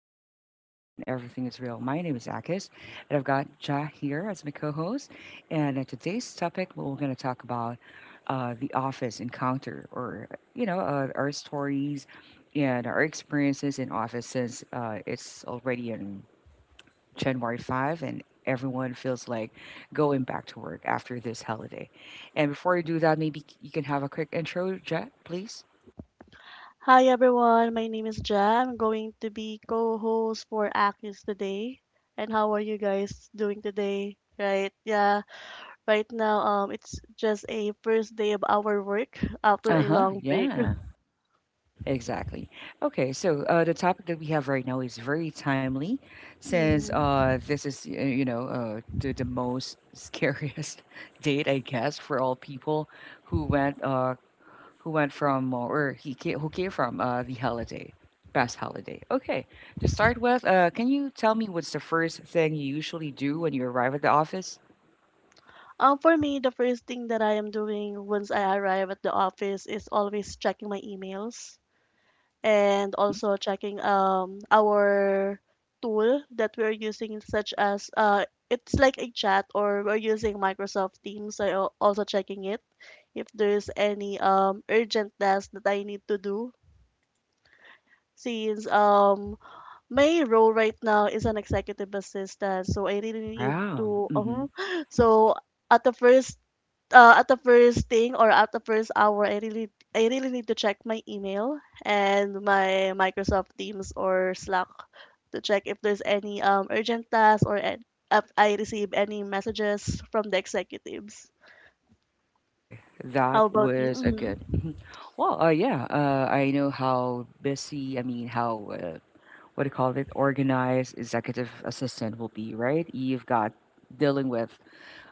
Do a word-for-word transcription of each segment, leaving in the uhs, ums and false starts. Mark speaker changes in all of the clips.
Speaker 1: and the vibe stays smooth and everything is real. My name is Akis, and I've got Ja here as my co-host. And uh, today's topic, we're going to talk about uh, the office encounter, or you know, uh, our stories and our experiences in office since uh, it's already in January five, and everyone feels like going back to work after this holiday. And before you do that, maybe you can have a quick intro, Ja, please.
Speaker 2: Hi everyone, my name is Jam. I'm going to be co-host for Akis today. And how are you guys doing today? Right? Yeah. Right now, um, it's just a first day of our work after
Speaker 1: Uh
Speaker 2: a
Speaker 1: huh.
Speaker 2: long break.
Speaker 1: Yeah. Exactly. Okay, so uh, the topic that we have right now is very timely, since
Speaker 2: Mhm.
Speaker 1: uh, this is uh, you know uh, the the most scariest date, I guess, for all people who went uh, who went from uh, or he came, who came from uh, the holiday, past holiday. Okay, to start with, uh, can you tell me what's the first thing you usually do when you arrive at the office?
Speaker 2: Um, for me, the first thing that I am doing once I arrive at the office is always checking my emails, and
Speaker 1: Hmm.
Speaker 2: also checking um our tool that we're using, such as uh it's like a chat, or we're using Microsoft Teams, so I'll also checking it if there's any um urgent task that I need to do, since um my role right now is an executive assistant, so I really need
Speaker 1: Wow.
Speaker 2: to uh
Speaker 1: Mm-hmm.
Speaker 2: huh. So at the first uh, at the first thing or at the first hour, I really I really need to check my email and my Microsoft Teams or Slack to check if there's any um, urgent tasks or an- if I receive any messages from the executives.
Speaker 1: Okay,
Speaker 2: How
Speaker 1: that
Speaker 2: about you?
Speaker 1: was a good.
Speaker 2: Hmm.
Speaker 1: Mhm. Well, uh, yeah, uh, I know how busy, I mean, how, uh, what do you call it, organized executive assistant will be, right? You've got dealing with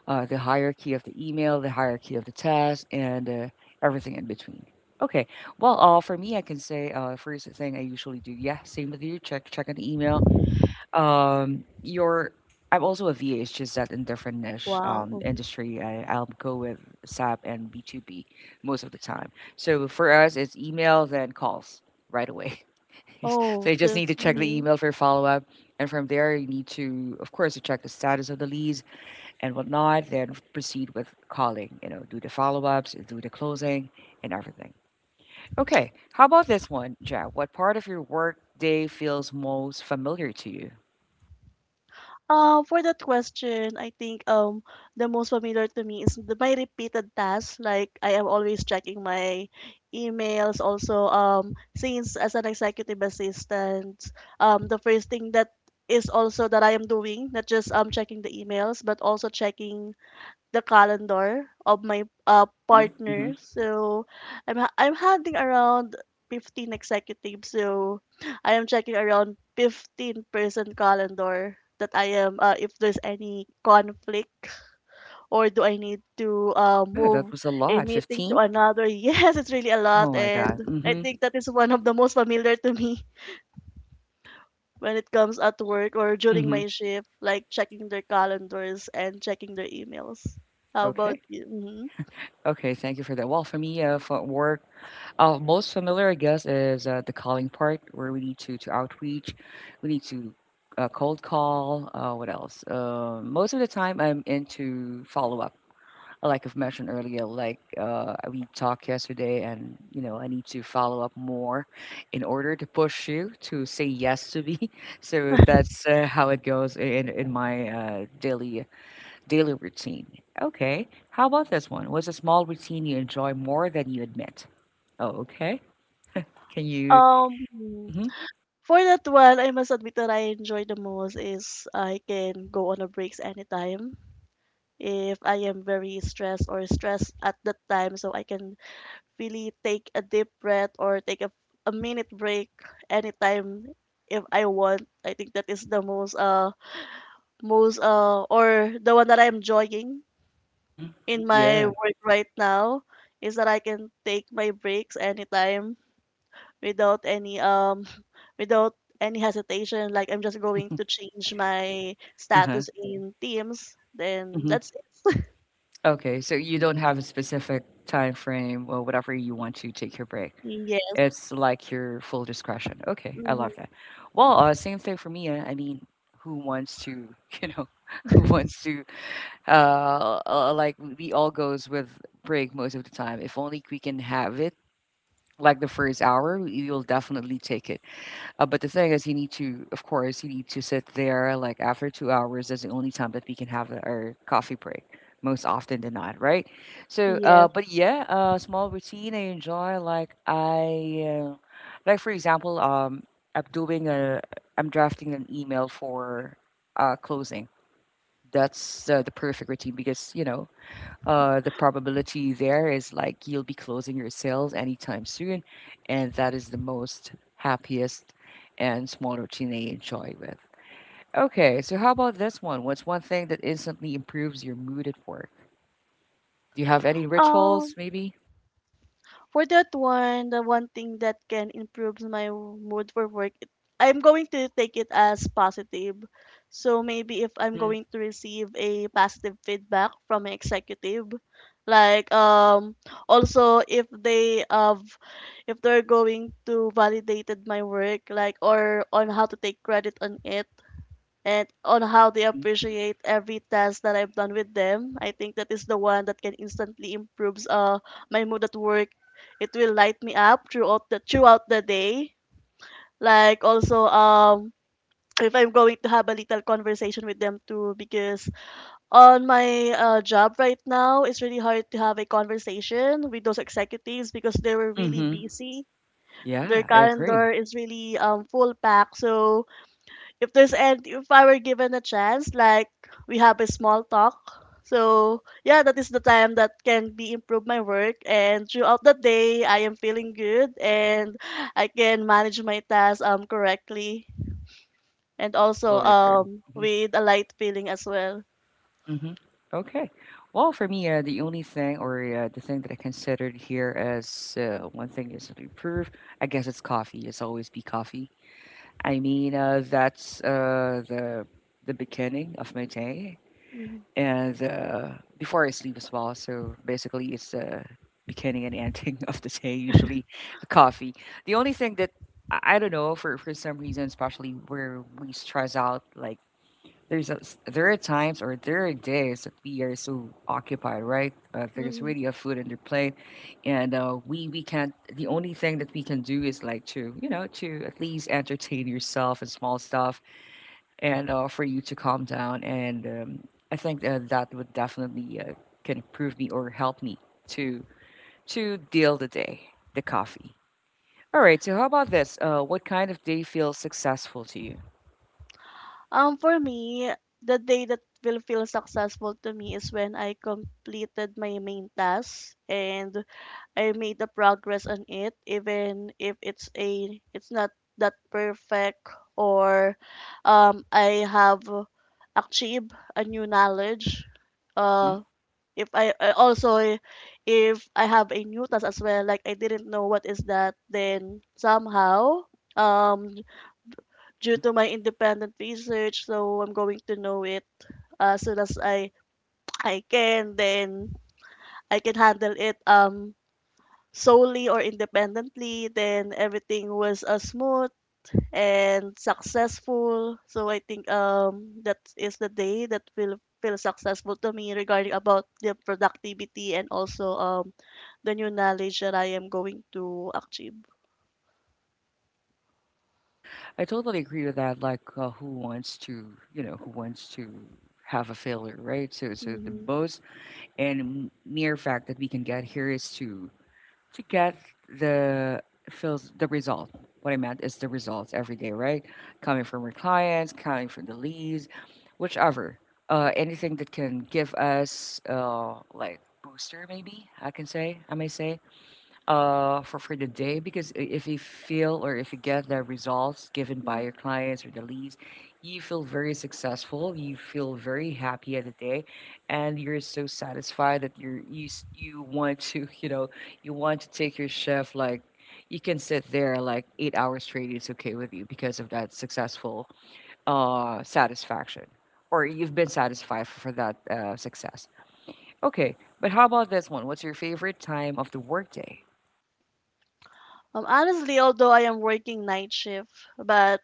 Speaker 1: uh, the hierarchy of the email, the hierarchy of the task, and uh, everything in between. Okay, well, uh, for me, I can say uh, first thing I usually do, yeah, same with you, check check an email, um, your I'm also a V A. It's just that in different niche
Speaker 2: Wow.
Speaker 1: um,
Speaker 2: Mhm.
Speaker 1: industry, I, I'll go with SAP and B two B most of the time. So for us, it's email then calls right away. So
Speaker 2: Oh,
Speaker 1: you just
Speaker 2: so.
Speaker 1: need to check the
Speaker 2: Mhm.
Speaker 1: email for follow up, and from there you need to, of course, to check the status of the leads and whatnot. Then proceed with calling. You know, do the follow ups, do the closing, and everything. Okay, how about this one, Jack? What part of your work day feels most familiar to you?
Speaker 2: Uh, for that question, I think um the most familiar to me is the, my repeated tasks. Like, I am always checking my emails. Also, um, since as an executive assistant, um, the first thing that is also that I am doing, not just um checking the emails, but also checking the calendar of my uh,
Speaker 1: Hmm.
Speaker 2: partner. So I'm ha- I'm handling around fifteen executives. So I am checking around fifteen person calendar that I am uh, if there's any conflict, or do I need to uh,
Speaker 1: Yeah, that
Speaker 2: move
Speaker 1: was a
Speaker 2: a
Speaker 1: lot.
Speaker 2: meeting to
Speaker 1: fifteen?
Speaker 2: another. Yes, it's really a
Speaker 1: Oh
Speaker 2: lot,
Speaker 1: my
Speaker 2: and
Speaker 1: god.
Speaker 2: I
Speaker 1: Mhm.
Speaker 2: think that is one of the most familiar to me when it comes at work or during
Speaker 1: Mhm.
Speaker 2: my shift, like checking their calendars and checking their emails. How about
Speaker 1: Okay.
Speaker 2: you? Mm-hmm.
Speaker 1: Okay, thank you for that. Well, for me, uh, for work, uh, most familiar, I guess, is uh, the calling part where we need to, to outreach. We need to uh, cold call. Uh, what else? Uh, most of the time, I'm into follow up. Like I've mentioned earlier, like uh, we talked yesterday, and you know, I need to follow up more in order to push you to say yes to me. So that's uh, how it goes in in my uh, daily Daily routine. Okay. How about this one? What's a small routine you enjoy more than you admit? Oh, okay. Can you?
Speaker 2: Um,
Speaker 1: Hmm.
Speaker 2: for that one, I must admit that I enjoy the most is I can go on a breaks anytime if I am very stressed or stressed at that time, so I can really take a deep breath or take a, a minute break anytime if I want. I think that is the most uh most uh or the one that I'm enjoying
Speaker 1: Hmm.
Speaker 2: in my
Speaker 1: Yeah.
Speaker 2: work right now is that I can take my breaks anytime without any um without any hesitation, like I'm just going to change my
Speaker 1: Uh-huh.
Speaker 2: status in teams, then
Speaker 1: Hmm.
Speaker 2: that's it.
Speaker 1: Okay. So you don't have a specific time frame or whatever you want to take your break.
Speaker 2: Yeah.
Speaker 1: It's like your full discretion. Okay. I
Speaker 2: Mhm.
Speaker 1: love that. Well, uh, same thing for me. uh, I mean, who wants to, you know, who wants to, uh, uh, like, we all goes with break most of the time. If only we can have it like the first hour, you'll definitely take it. Uh, but the thing is, you need to, of course, you need to sit there like after two hours. That's the only time that we can have a- our coffee break, most often than not, right? So, uh,
Speaker 2: Yes.
Speaker 1: but yeah, uh, small routine I enjoy. Like I, uh, like for example, um, I'm doing a, I'm drafting an email for uh, closing. That's uh, the perfect routine because you know uh, the probability there is like you'll be closing your sales anytime soon, and that is the most happiest and small routine they enjoy with. Okay, so how about this one? What's one thing that instantly improves your mood at work? Do you have any rituals,
Speaker 2: um
Speaker 1: maybe?
Speaker 2: For that one, the one thing that can improves my mood for work, it- I'm going to take it as positive. So maybe if I'm
Speaker 1: Mm-hmm.
Speaker 2: going to receive a positive feedback from an executive, like um also if they have, if they're going to validated my work, like or on how to take credit on it, and on how they
Speaker 1: Mm-hmm.
Speaker 2: appreciate every task that I've done with them. I think that is the one that can instantly improves uh my mood at work. It will light me up throughout the throughout the day. Like also, um if I'm going to have a little conversation with them too, because on my uh, job right now, it's really hard to have a conversation with those executives because they were really
Speaker 1: Mm-hmm.
Speaker 2: busy. Their
Speaker 1: Yeah, I
Speaker 2: calendar
Speaker 1: agree.
Speaker 2: is really um full packed, so if there's, and if I were given a chance, like we have a small talk. So yeah, that is the time that can be improve my work, and throughout the day I am feeling good, and I can manage my tasks um correctly, and also
Speaker 1: Totally agree.
Speaker 2: um with a light feeling as well.
Speaker 1: Mm-hmm. Mm-hmm. Okay. Well, for me, uh, the only thing or uh, the thing that I considered here as uh, one thing is to improve, I guess it's coffee. It's always be coffee. I mean, uh, that's uh, the the beginning of my day,
Speaker 2: Mhm,
Speaker 1: and uh, before I sleep as well. So basically, it's the beginning and ending of the day. Usually, a coffee. The only thing that I I don't know for for some reason, especially where we stress out, like there's a, s- there are times or there are days that we are so occupied, right? Uh, there's
Speaker 2: mhm.
Speaker 1: really a food on your plate, and uh, we we can't. The only thing that we can do is like to you know to at least entertain yourself and small stuff, and uh, for you to calm down. And um, I think uh, that would definitely uh, can improve me or help me to to deal the day, the coffee. All right. So how about this? Uh, what kind of day feels successful to you?
Speaker 2: Um for me, the day that will feel successful to me is when I completed my main task and I made the progress on it, even if it's a it's not that perfect, or um I have achieved a new knowledge.
Speaker 1: Mm-hmm.
Speaker 2: Uh, if I, I also, if I have a new task as well, like I didn't know what is that, then somehow um due to my independent research, so I'm going to know it as soon as I I can. Then I can handle it um solely or independently, then everything was uh, smooth and successful. So I think um that is the day that will feel successful to me regarding about the productivity, and also um the new knowledge that I am going to achieve.
Speaker 1: I totally agree with that. Like, uh, who wants to, you know, who wants to have a failure, right? So, so the
Speaker 2: Hmm.
Speaker 1: most and m- mere fact that we can get here is to to get the feels the result. What I meant is the results every day, right? Coming from our clients, coming from the leads, whichever, uh, anything that can give us, uh, like booster, maybe I can say, I may say, uh, for for the day because i- if you feel or if you get the results given by your clients or the leads, you feel very successful. You feel very happy at the day, and you're so satisfied that you're you s- you want to you know you want to take your chef like you can sit there like eight hours straight. It's okay with you because of that successful uh, satisfaction. Or you've been satisfied for, for that uh, success. Okay, but how about this one? What's your favorite time of the workday?
Speaker 2: Um, honestly, although I am working night shift, but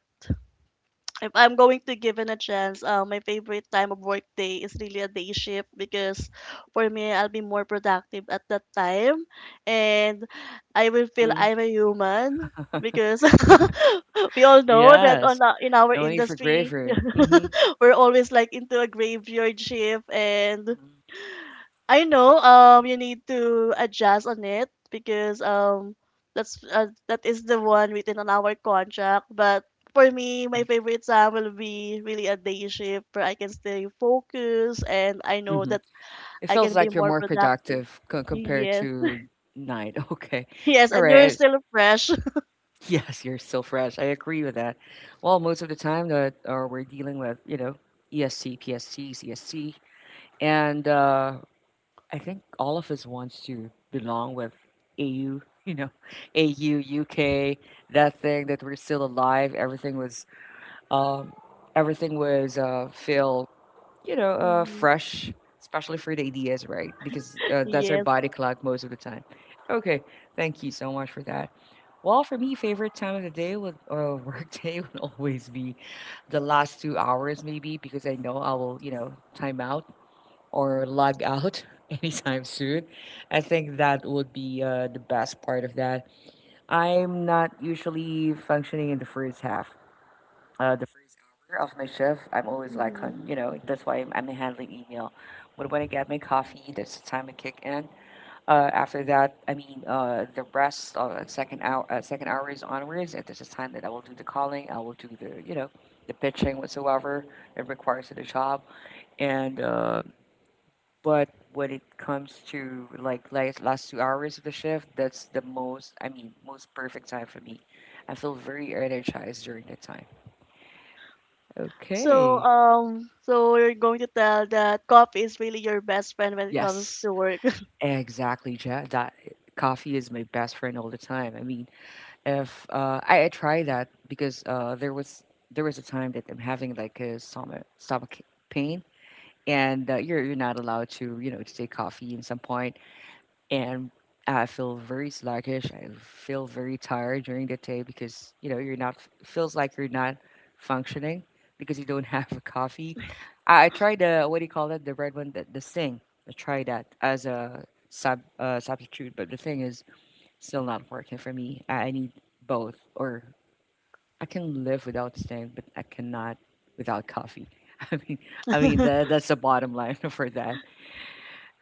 Speaker 2: if I'm going to give it a chance, uh, my favorite time of work day is really a day shift, because for me, I'll be more productive at that time, and I will feel I'm a human because we all know that
Speaker 1: Yes.
Speaker 2: on our- in our
Speaker 1: No need for
Speaker 2: industry,
Speaker 1: graveyard. Mm.
Speaker 2: we're always like into a graveyard shift, and I know um you need to adjust on it because um that's uh, that is the one written on our contract. But for me,
Speaker 1: Mhm, mm
Speaker 2: my
Speaker 1: mhm,
Speaker 2: favorite time will be really a day shift where I can stay focused, and I
Speaker 1: mm
Speaker 2: know
Speaker 1: mhm.
Speaker 2: that
Speaker 1: It
Speaker 2: I
Speaker 1: feels
Speaker 2: can be
Speaker 1: like you're
Speaker 2: more
Speaker 1: more
Speaker 2: productive.
Speaker 1: productive co compared
Speaker 2: Yes,
Speaker 1: to night. Okay.
Speaker 2: yes,
Speaker 1: All
Speaker 2: and
Speaker 1: right.
Speaker 2: you're
Speaker 1: it's-
Speaker 2: still fresh.
Speaker 1: Yes, you're still fresh. I agree with that. Well, most of the time that uh, we're dealing with, you know, E S C, P S C, C S C, and uh, I think all of us wants to belong with A U, you know, A U, U K, that thing that we're still alive. Everything was, um, everything was uh, filled you know, uh,
Speaker 2: Hmm.
Speaker 1: fresh, especially for the ideas, right? Because uh, that's our
Speaker 2: Yes.
Speaker 1: body clock most of the time. Okay, thank you so much for that. Well, for me, favorite time of the day would uh, work day would always be the last two hours, maybe because I know I will, you know, time out or log out anytime soon. I think that would be uh, the best part of that. I'm not usually functioning in the first half uh, the first hour of my shift, I'm always like
Speaker 2: Hmm.
Speaker 1: on, you know, that's why I'm, I'm handling email. But when I get my coffee, that's the time I kick in. Uh, after that, I mean, uh, the rest of the second hour, uh, second hour is onwards, and that's the time that I will do the calling. I will do the, you know, the pitching whatsoever it requires of the job. And uh, but when it comes to like last last two hours of the shift, that's the most, I mean, most perfect time for me. I feel very energized during that time.
Speaker 2: So
Speaker 1: Okay.
Speaker 2: um so you're going to tell that coffee is really your best friend when it comes
Speaker 1: Yes,
Speaker 2: to work.
Speaker 1: exactly, Jack. That eh, coffee is my best friend all the time. I mean, if uh, I, I try that because uh, there was there was a time that I'm having like a stomach stomach pain, and uh, you're you're not allowed to you know to take coffee in some point and I feel very sluggish. I feel very tired during the day because you know you're not feels like you're not functioning because you don't have a coffee. I, I tried the what do you call that the red one the, the thing. I tried that as a sub uh, substitute, but the thing is still not working for me. I, I need both, or I can live without Sting, but I cannot without coffee. I mean, I mean that that's the bottom line for that.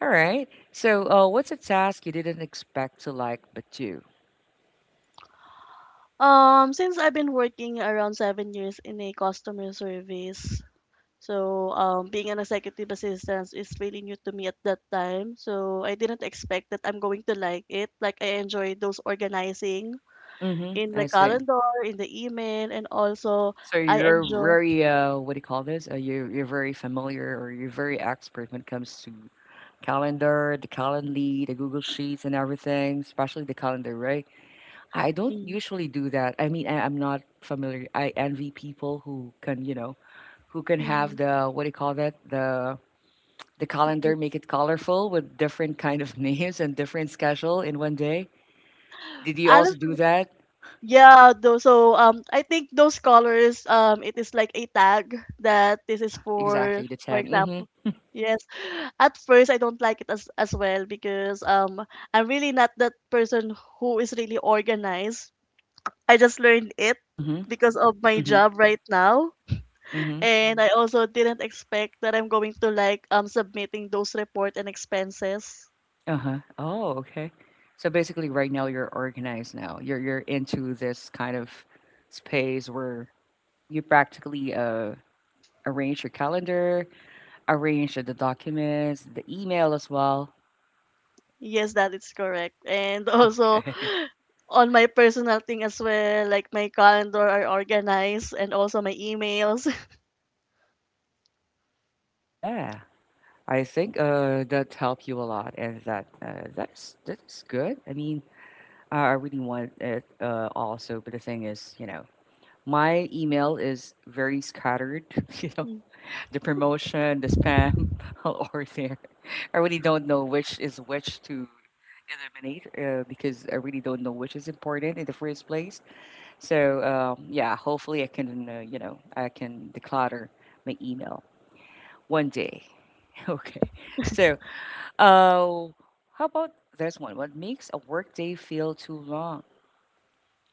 Speaker 1: All right. So, uh, what's a task you didn't expect to like but do?
Speaker 2: Um, since I've been working around seven years in a customer service, so um, being an executive assistant is really new to me at that time. So I didn't expect that I'm going to like it. Like, I enjoy those organizing
Speaker 1: Mm-hmm.
Speaker 2: in the
Speaker 1: I see.
Speaker 2: calendar, in the email, and also
Speaker 1: So
Speaker 2: I
Speaker 1: you're
Speaker 2: enjoy.
Speaker 1: very uh, what do you call this? Uh, you're you're very familiar or you're very expert when it comes to calendar, the Calendly, the Google Sheets, and everything, especially the calendar, right? I don't usually do that. I mean, I, I'm not familiar. I envy people who can, you know, who can have
Speaker 2: Mhm.
Speaker 1: the what do you call that? The the calendar, make it colorful with different kind of names and different schedule in one day. Did you
Speaker 2: Other.
Speaker 1: also do that?
Speaker 2: Yeah, though, so um, I think those colors, um, it is like a tag that this is
Speaker 1: Yeah,
Speaker 2: for,
Speaker 1: exactly, the
Speaker 2: for
Speaker 1: tag. Mhm,
Speaker 2: example. Yes, at first I don't like it as as well, because um, I'm really not that person who is really organized. I just learned it
Speaker 1: mhm,
Speaker 2: because of my
Speaker 1: mhm,
Speaker 2: job right now,
Speaker 1: mhm.
Speaker 2: and I also didn't expect that I'm going to like um submitting those report and expenses.
Speaker 1: Uh-huh. Oh, okay. So basically, right now you're organized now. You're you're into this kind of space where you practically uh arrange your calendar, arrange the documents, the email as well.
Speaker 2: Yes, that is correct. And also
Speaker 1: Okay.
Speaker 2: on my personal thing as well, like my calendar are organized, and also my emails.
Speaker 1: Yeah, I think uh that helped you a lot, and that uh, that's that's good. I mean, I I really want it uh also, but the thing is, you know, my email is very scattered, you know, the promotion, the spam, or there. I really don't know which is which to eliminate uh, because I really don't know which is important in the first place. So um, yeah, hopefully I can, uh, you know, I can declutter my email one day. Okay. So uh, how about this one? What makes a workday feel too long?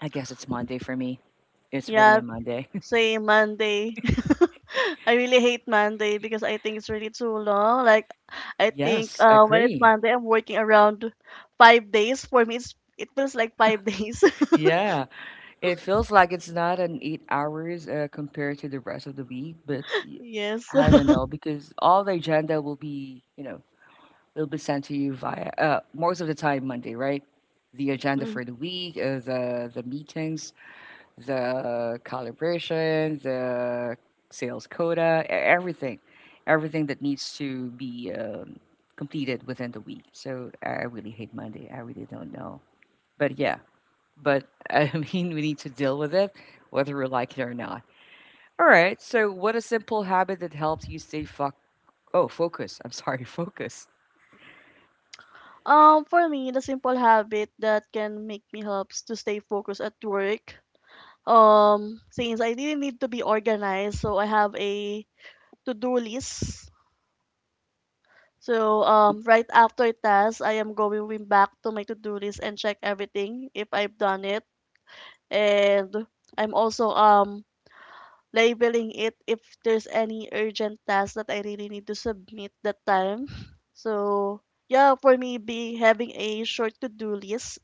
Speaker 1: I guess it's Monday for me. It's really
Speaker 2: Yeah,
Speaker 1: a Monday.
Speaker 2: say Monday. I really hate Monday because I think it's really too long. Like, I think
Speaker 1: Yes, I
Speaker 2: uh, when it's
Speaker 1: agree.
Speaker 2: Monday, I'm working around five days. For me, it's, it feels like five days.
Speaker 1: Yeah. It feels like it's not an eight hours uh, compared to the rest of the week, but y-
Speaker 2: Yes.
Speaker 1: I don't know because all the agenda will be, you know, will be sent to you via uh, most of the time Monday, right? The agenda
Speaker 2: Mhm.
Speaker 1: for the week, uh, the the meetings, the calibration, the sales quota, e- everything, everything that needs to be um, completed within the week. So I really hate Monday. I really don't know, but yeah, but I mean, we need to deal with it, whether we like it or not. All right. So, what a simple habit that helps you stay fo- oh focus. I'm sorry, focus.
Speaker 2: Um, for me, the simple habit that can make me helps to stay focused at work, um since I didn't need to be organized, so I have a to-do list. So
Speaker 1: Hmm.
Speaker 2: um right after task, I am going back to my to-do list and check everything if I've done it. And I'm also um labeling it if there's any urgent task that I really need to submit that time. So yeah, for me be having a short to-do list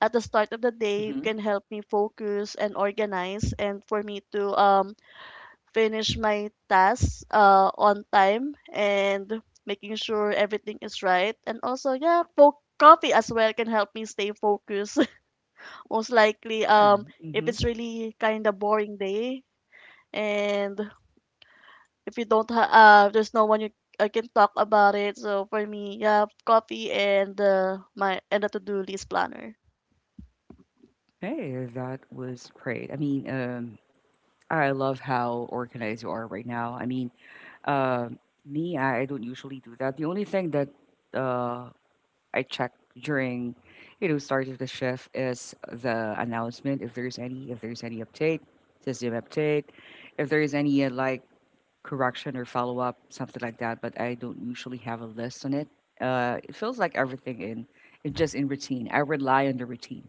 Speaker 2: at the start of the day
Speaker 1: Hmm.
Speaker 2: can help me focus and organize, and for me to um finish my tasks uh, on time and making sure everything is right. And also, yeah, fo- coffee as well can help me stay focused. Most likely,
Speaker 1: Yeah.
Speaker 2: um, if
Speaker 1: Hmm.
Speaker 2: it's really kind of boring day, and if you don't ha- uh, there's no one you I can talk about it. So for me, yeah, coffee and uh, my and a to-do list planner.
Speaker 1: Okay, that was great. I mean, um, I love how organized you are right now. I mean, um me, I I don't usually do that. The only thing that uh, I check during, you know, start of the shift is the announcement if there's any, if there's any update, system update, if there is any uh, like correction or follow up, something like that. But I don't usually have a list on it. Uh, it feels like everything in, in just in routine. I rely on the routine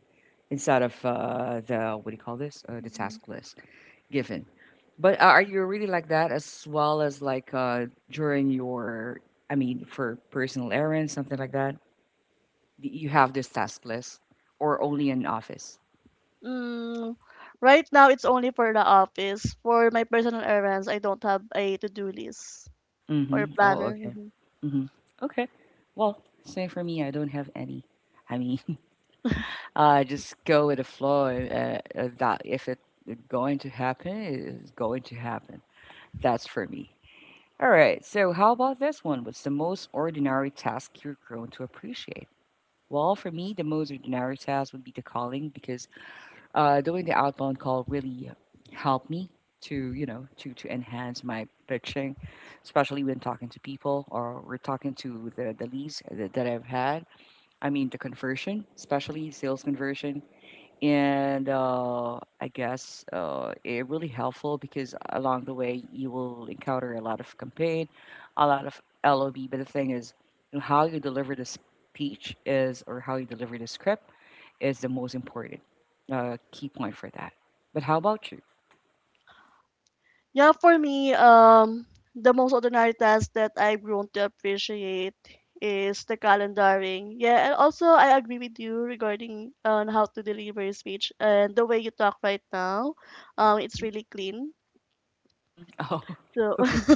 Speaker 1: instead of uh, the what do you call this? Uh, the
Speaker 2: Mhm.
Speaker 1: task list given. But uh, are you really like that as well as like uh, during your, I mean, for personal errands, something like that? Y- You have this task list or only in office?
Speaker 2: Mm, right now, it's only for the office. For my personal errands, I don't have a to-do list. Or
Speaker 1: Mm-hmm. Oh,
Speaker 2: planner.
Speaker 1: okay.
Speaker 2: Mhm.
Speaker 1: Mm-hmm. Okay. Well, same for me. I don't have any. I mean, uh, just go with the flow. Uh, uh, that if it going to happen, it's going to happen. That's for me. All right. So how about this one? What's the most ordinary task you're grown to appreciate? Well, for me, the most ordinary task would be the calling because uh, doing the outbound call really helped me to you know to to enhance my pitching, especially when talking to people or we're talking to the the leads that, that I've had. I mean the conversion, especially sales conversion, and uh, I guess uh, it really helpful because along the way you will encounter a lot of campaign, a lot of L O B. But the thing is, you know, how you deliver the speech is or how you deliver the script is the most important uh, key point for that. But how about you?
Speaker 2: Yeah, for me, um, the most ordinary task that I've grown to appreciate is the calendaring. Yeah, and also I agree with you regarding on how to deliver your speech and the way you talk right now. Um, it's
Speaker 1: Hmm.
Speaker 2: really clean.
Speaker 1: Hmm. Oh,
Speaker 2: So,
Speaker 1: okay.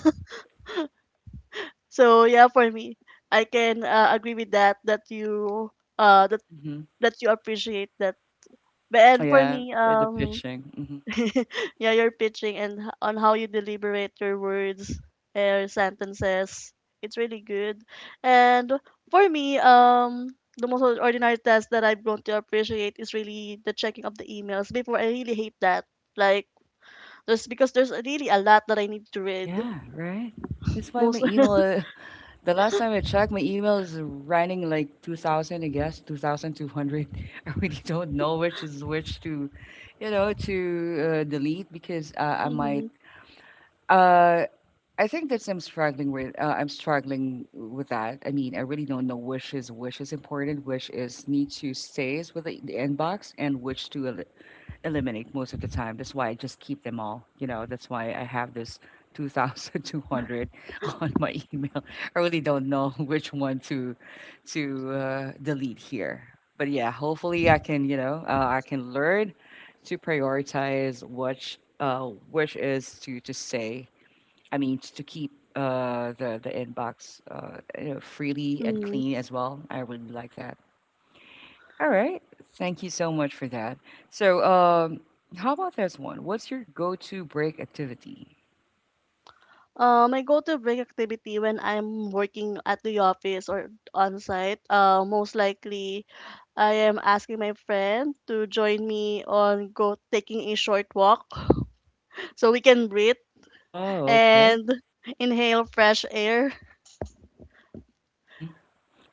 Speaker 2: so yeah, for me, I can uh, agree with that. That you uh that
Speaker 1: Hmm.
Speaker 2: that you appreciate that. But and for
Speaker 1: Yeah,
Speaker 2: me,
Speaker 1: the, the
Speaker 2: um,
Speaker 1: pitching. Hmm.
Speaker 2: yeah, your pitching and h- on how you deliberate your words, uh, your sentences. It's really good. And for me, um, the most ordinary task that I've grown to appreciate is really the checking of the emails. Before, I really hate that. Like, there's because there's really a lot that I need to read.
Speaker 1: Yeah, right. That's why my
Speaker 2: Most.
Speaker 1: email. Uh, the last time I checked, my email is running like two thousand. I guess two thousand two hundred. I really don't know which is which to, you know, to uh, delete because uh, I might.
Speaker 2: Mm-hmm.
Speaker 1: Uh, I think that's I'm struggling with. Uh, I'm struggling with that. I mean, I really don't know which is which is important, which is need to stays with the, the inbox, and which to el- eliminate most of the time. That's why I just keep them all. You know, that's why I have this two thousand two hundred on my email. I really don't know which one to to uh, delete here. But yeah, hopefully I can. You know, uh, I can learn to prioritize which uh, which is to to say I mean, s- to keep uh, the the inbox uh, you know, freely and
Speaker 2: Mm.
Speaker 1: clean as well. I really like that. All right, thank you so much for that. So, um, how about this one? What's your go-to break activity?
Speaker 2: Uh, my go-to break activity when I'm working at the office or on site, uh, most likely I am asking my friend to join me on go taking a short walk so we can breathe
Speaker 1: Oh, okay.
Speaker 2: and inhale fresh air
Speaker 1: Hmm.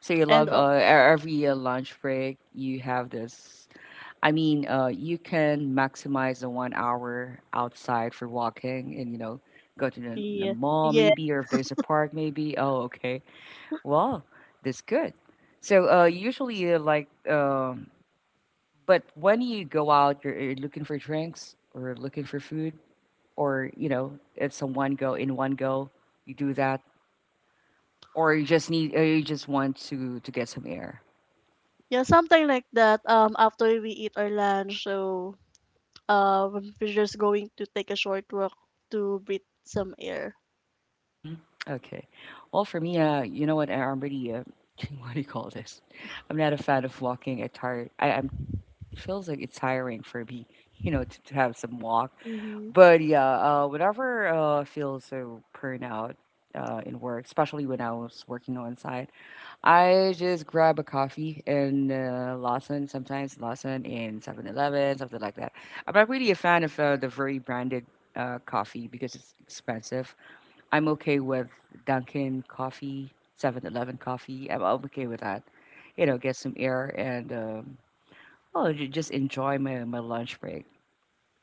Speaker 1: So you
Speaker 2: and
Speaker 1: love
Speaker 2: all.
Speaker 1: uh, e- every uh, lunch break you have this. I mean, uh, you can maximize the one hour outside for walking, and you know, go to the, the
Speaker 2: Yeah,
Speaker 1: mall
Speaker 2: yeah,
Speaker 1: maybe, or if there's a park maybe. Oh, okay. Wow, that's good. So uh, usually, uh, like, um, but when you go out, you're, you're looking for drinks or looking for food, or you know, it's a one go in one go. You do that, or you just need, or you just want to to get some air.
Speaker 2: yeah, something like that. Um, after we eat our lunch, so uh we're just going to take a short walk to breathe some air.
Speaker 1: Hmm. Okay. Well, for me, uh, you know what? I'm really uh, what do you call this? I'm not a fan of walking. I tired. I, I'm. It feels like it's tiring for me. You know, to, to have some walk.
Speaker 2: Mhm,
Speaker 1: But yeah, uh, whenever uh, I feel so burnout uh, in work, especially when I was working on site, I just grab a coffee in uh, Lawson, sometimes Lawson in Seven Eleven, something like that. I'm not really a fan of uh, the very branded uh, coffee because it's expensive. I'm okay with Dunkin' coffee, Seven Eleven coffee. I'm I'm okay with that. You know, get some air and um, oh, ju- just enjoy my, my lunch break.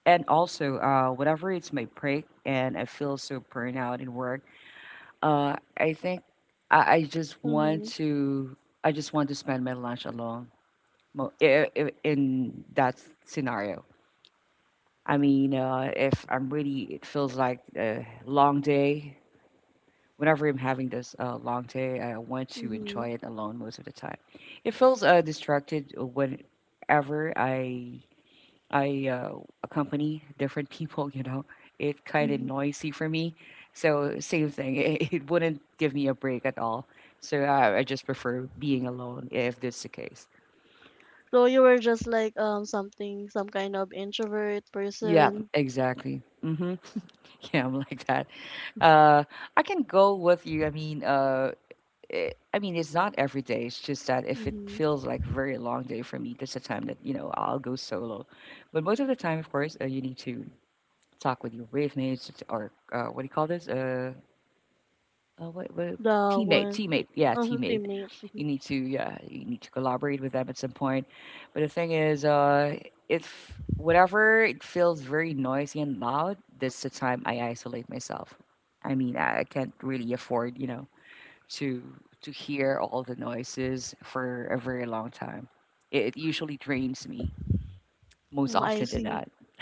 Speaker 1: And also, uh, whenever it's my break and I feel so burned out in work, uh, I think I, I just want
Speaker 2: mhm,
Speaker 1: to I just want to spend my lunch alone. mo- i- i- In that scenario, I mean, uh, if I'm really, it feels like a long day. Whenever I'm having this uh, long day, I want to
Speaker 2: mhm,
Speaker 1: enjoy it alone most of the time. It feels uh, distracted whenever I I uh, accompany different people, you know, it's kind of
Speaker 2: mhm.
Speaker 1: noisy for me. So same thing, it, it wouldn't give me a break at all. So I, I just prefer being alone if this is the case.
Speaker 2: So you were just like um something, some kind of introvert
Speaker 1: Yeah,
Speaker 2: person.
Speaker 1: exactly. Mm-hmm. Yeah, I'm like that. Uh, I can go with you. I mean, uh, it, I mean, it's not every day. It's just that if it
Speaker 2: Mhm.
Speaker 1: feels like a very long day for me, that's the time that you know I'll go solo. But most of the time, of course, uh, you need to talk with your wave mates or uh, what do you call this? Uh, Uh, what, what
Speaker 2: The
Speaker 1: teammate,
Speaker 2: one,
Speaker 1: teammate, yeah,
Speaker 2: uh-huh,
Speaker 1: teammate.
Speaker 2: teammate.
Speaker 1: You need to, yeah, you need to collaborate with them at some point. But the thing is, uh, if whatever it feels very noisy and loud, that's the time I isolate myself. I mean, I I can't really afford, you know, to to hear all the noises for a very long time. It, it usually drains me most
Speaker 2: Mm, I
Speaker 1: often than
Speaker 2: see.
Speaker 1: not.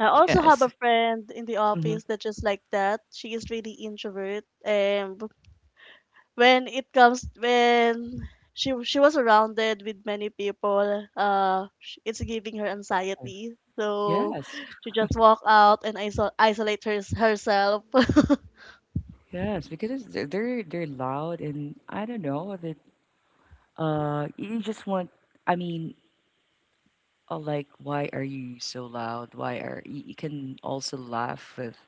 Speaker 2: I also have
Speaker 1: Yes.
Speaker 2: a friend in the
Speaker 1: Hmm.
Speaker 2: office that just like that. She is really introvert, and when it comes when she she was surrounded with many people, uh, sh- it's giving her anxiety. So
Speaker 1: Yes,
Speaker 2: she just walk out and iso isolate her, herself.
Speaker 1: yes, because it's, they're they're loud and I don't know. Uh, you just want, I mean, uh, like, why are you so loud? Why are you, you can also laugh with,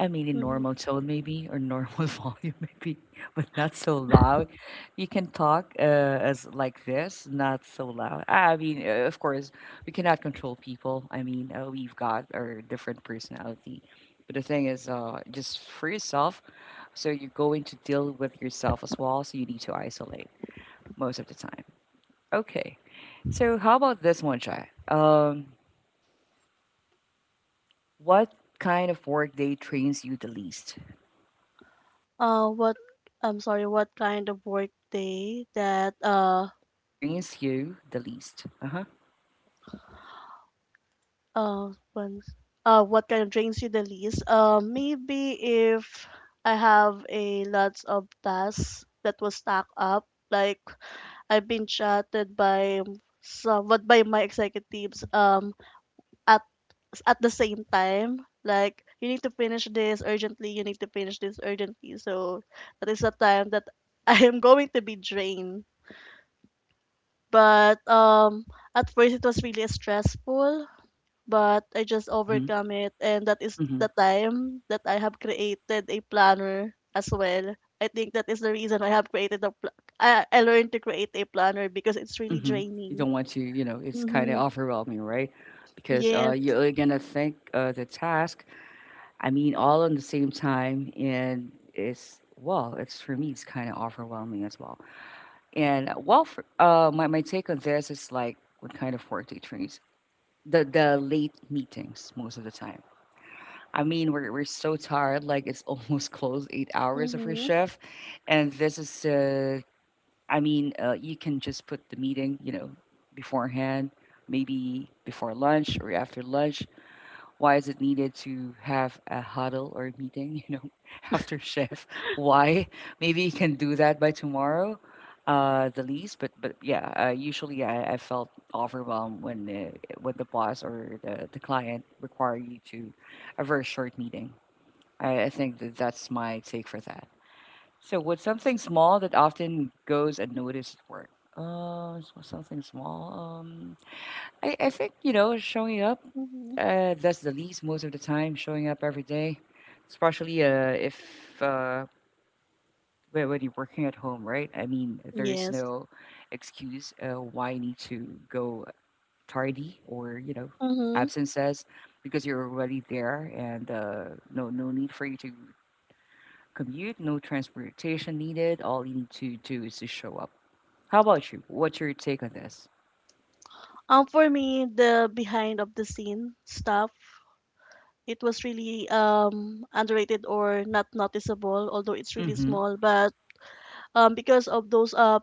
Speaker 1: I mean, in
Speaker 2: Mhm.
Speaker 1: normal tone maybe or normal volume maybe, but not so loud. You can talk uh, as like this, not so loud. I mean, uh, of course, we cannot control people. I mean, uh, we've got our different personality. But the thing is, uh, just for yourself, so you're going to deal with yourself as well, so you need to isolate most of the time. Okay. So how about this one, Chai? Um, what kind of work day trains you the least?
Speaker 2: Uh, what I'm sorry, what kind of work day that uh
Speaker 1: Drains you the least. Uh-huh.
Speaker 2: Uh, once. Uh, what kind of drains you the least? Uh, maybe if I have a lots of tasks that was stacked up, like I've been chatted by somewhat by my executives um at at the same time. Like, you need to finish this urgently. You need to finish this urgently. So that is the time that I am going to be drained. But um, at first it was really stressful, but I just
Speaker 1: Mm-hmm.
Speaker 2: overcome it, and that is
Speaker 1: Mm-hmm.
Speaker 2: the time that I have created a planner as well. I think that is the reason I have created a pl- I, I learned to create a planner because it's really
Speaker 1: Mm-hmm. You
Speaker 2: draining.
Speaker 1: don't want to, you know, it's kind of
Speaker 2: Mm-hmm.
Speaker 1: overwhelming, right? Because uh,
Speaker 2: Yes.
Speaker 1: you're gonna think uh, the task. I mean, all on the same time, and it's well, it's for me, it's kind of overwhelming as well. And uh, well, for, uh, my my take on this is like what kind of work day trains the the late meetings most of the time I mean, we're we're so tired. Like it's almost close eight hours of your
Speaker 2: Mm-hmm.
Speaker 1: shift, and this is. Uh, I mean, uh, you can just put the meeting, you know, beforehand, maybe before lunch or after lunch. Why is it needed to have a huddle or a meeting, you know, after shift? Why? Maybe you can do that by tomorrow, uh, the least. But but yeah, uh, usually I, I felt overwhelmed when uh, when the boss or the the client require you to a very short meeting. I, I think that that's my take for that. So, what's something small that often goes unnoticed at work? Uh, s- something small. Um, I, I think you know showing up.
Speaker 2: Mm-hmm.
Speaker 1: Uh, that's the least most of the time. Showing up every day, especially uh, if uh, when, when you're working at home, right? I mean, there is
Speaker 2: Yes.
Speaker 1: no excuse uh, why you need to go tardy or you know
Speaker 2: Mm-hmm.
Speaker 1: absence says because you're already there and uh, no no need for you to commute, no transportation needed. All you need to do is to show up. How about you? What's your take on this?
Speaker 2: Um, for me, the behind of the scene stuff, it was really um underrated or not noticeable, although it's really
Speaker 1: Mm-hmm.
Speaker 2: small. But um, because of those uh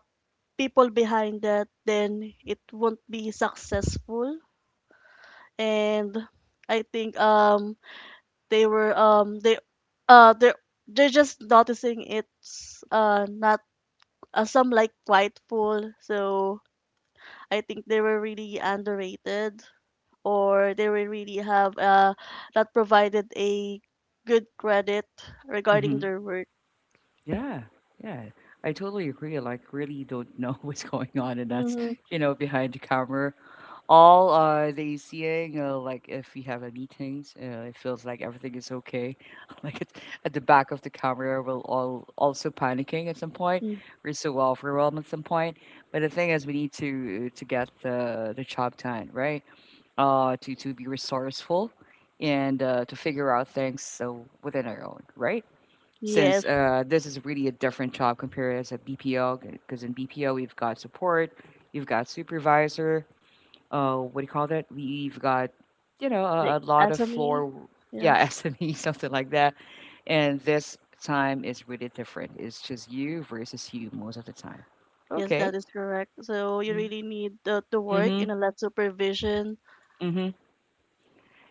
Speaker 2: people behind that, then it won't be successful. And I think um they were um they uh they they're just noticing it's uh not uh, some like prideful. So I think they were really underrated, or they were really have uh not provided a good credit regarding
Speaker 1: Mm-hmm.
Speaker 2: their work.
Speaker 1: Yeah. Yeah. I totally agree. Like, really don't know what's going on, and that's
Speaker 2: Mm-hmm.
Speaker 1: you know behind the camera. All uh, they seeing uh, like if we have a meetings, uh, it feels like everything is okay. Like it's at the back of the camera, we're all also panicking at some point.
Speaker 2: Mm,
Speaker 1: We're so overwhelmed at some point. But the thing is, we need to to get the the job done, right? uh, to to be resourceful and uh, to figure out things so within our own right. Since
Speaker 2: Yes,
Speaker 1: uh, this is really a different job compared as a B P O, because in B P O we've got support, you've got supervisor, uh, what do you call that? We've got you know a, a
Speaker 2: the
Speaker 1: lot of
Speaker 2: Asami.
Speaker 1: floor, yeah,
Speaker 2: Yes.
Speaker 1: S M E something like that. And this time is really different. It's just you versus you most of the time.
Speaker 2: Yes,
Speaker 1: Okay.
Speaker 2: that is correct. So you really
Speaker 1: Mm-hmm.
Speaker 2: need uh, to work
Speaker 1: Mm-hmm.
Speaker 2: in a lot supervision.
Speaker 1: Mm-hmm.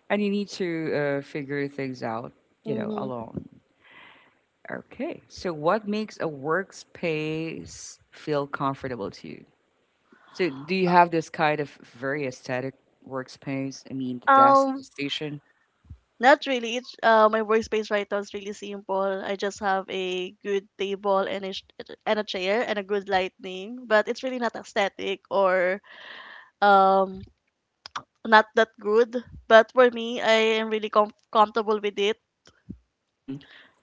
Speaker 1: And you need to uh, figure things out, you know,
Speaker 2: Mm-hmm.
Speaker 1: alone. Okay. So, what makes a workspace feel comfortable to you? So, do you have this kind of very aesthetic workspace? I mean, the desk, the
Speaker 2: Um,
Speaker 1: station.
Speaker 2: Not really. It's uh, my workspace right now is really simple. I just have a good table and a sh- and a chair and a good lighting, but it's really not aesthetic or um not that good. But for me, I am really com- comfortable with it
Speaker 1: Mm-hmm.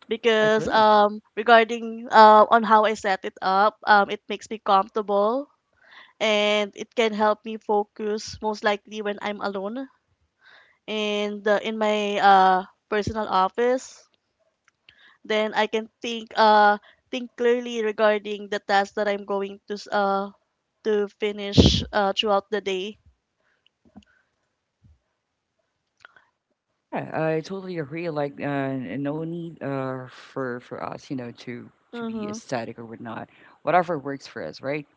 Speaker 2: because
Speaker 1: Agree.
Speaker 2: um regarding uh on how I set it up, um it makes me comfortable, and it can help me focus most likely when I'm alone and uh, in my uh, personal office. Then I can think uh, think clearly regarding the task that I'm going to s- uh, to finish uh, throughout the day.
Speaker 1: Yeah, I totally agree. Like, uh, n- no need uh, for for us, you know, to to be
Speaker 2: Mm-hmm.
Speaker 1: aesthetic or whatnot. Whatever works for us, right?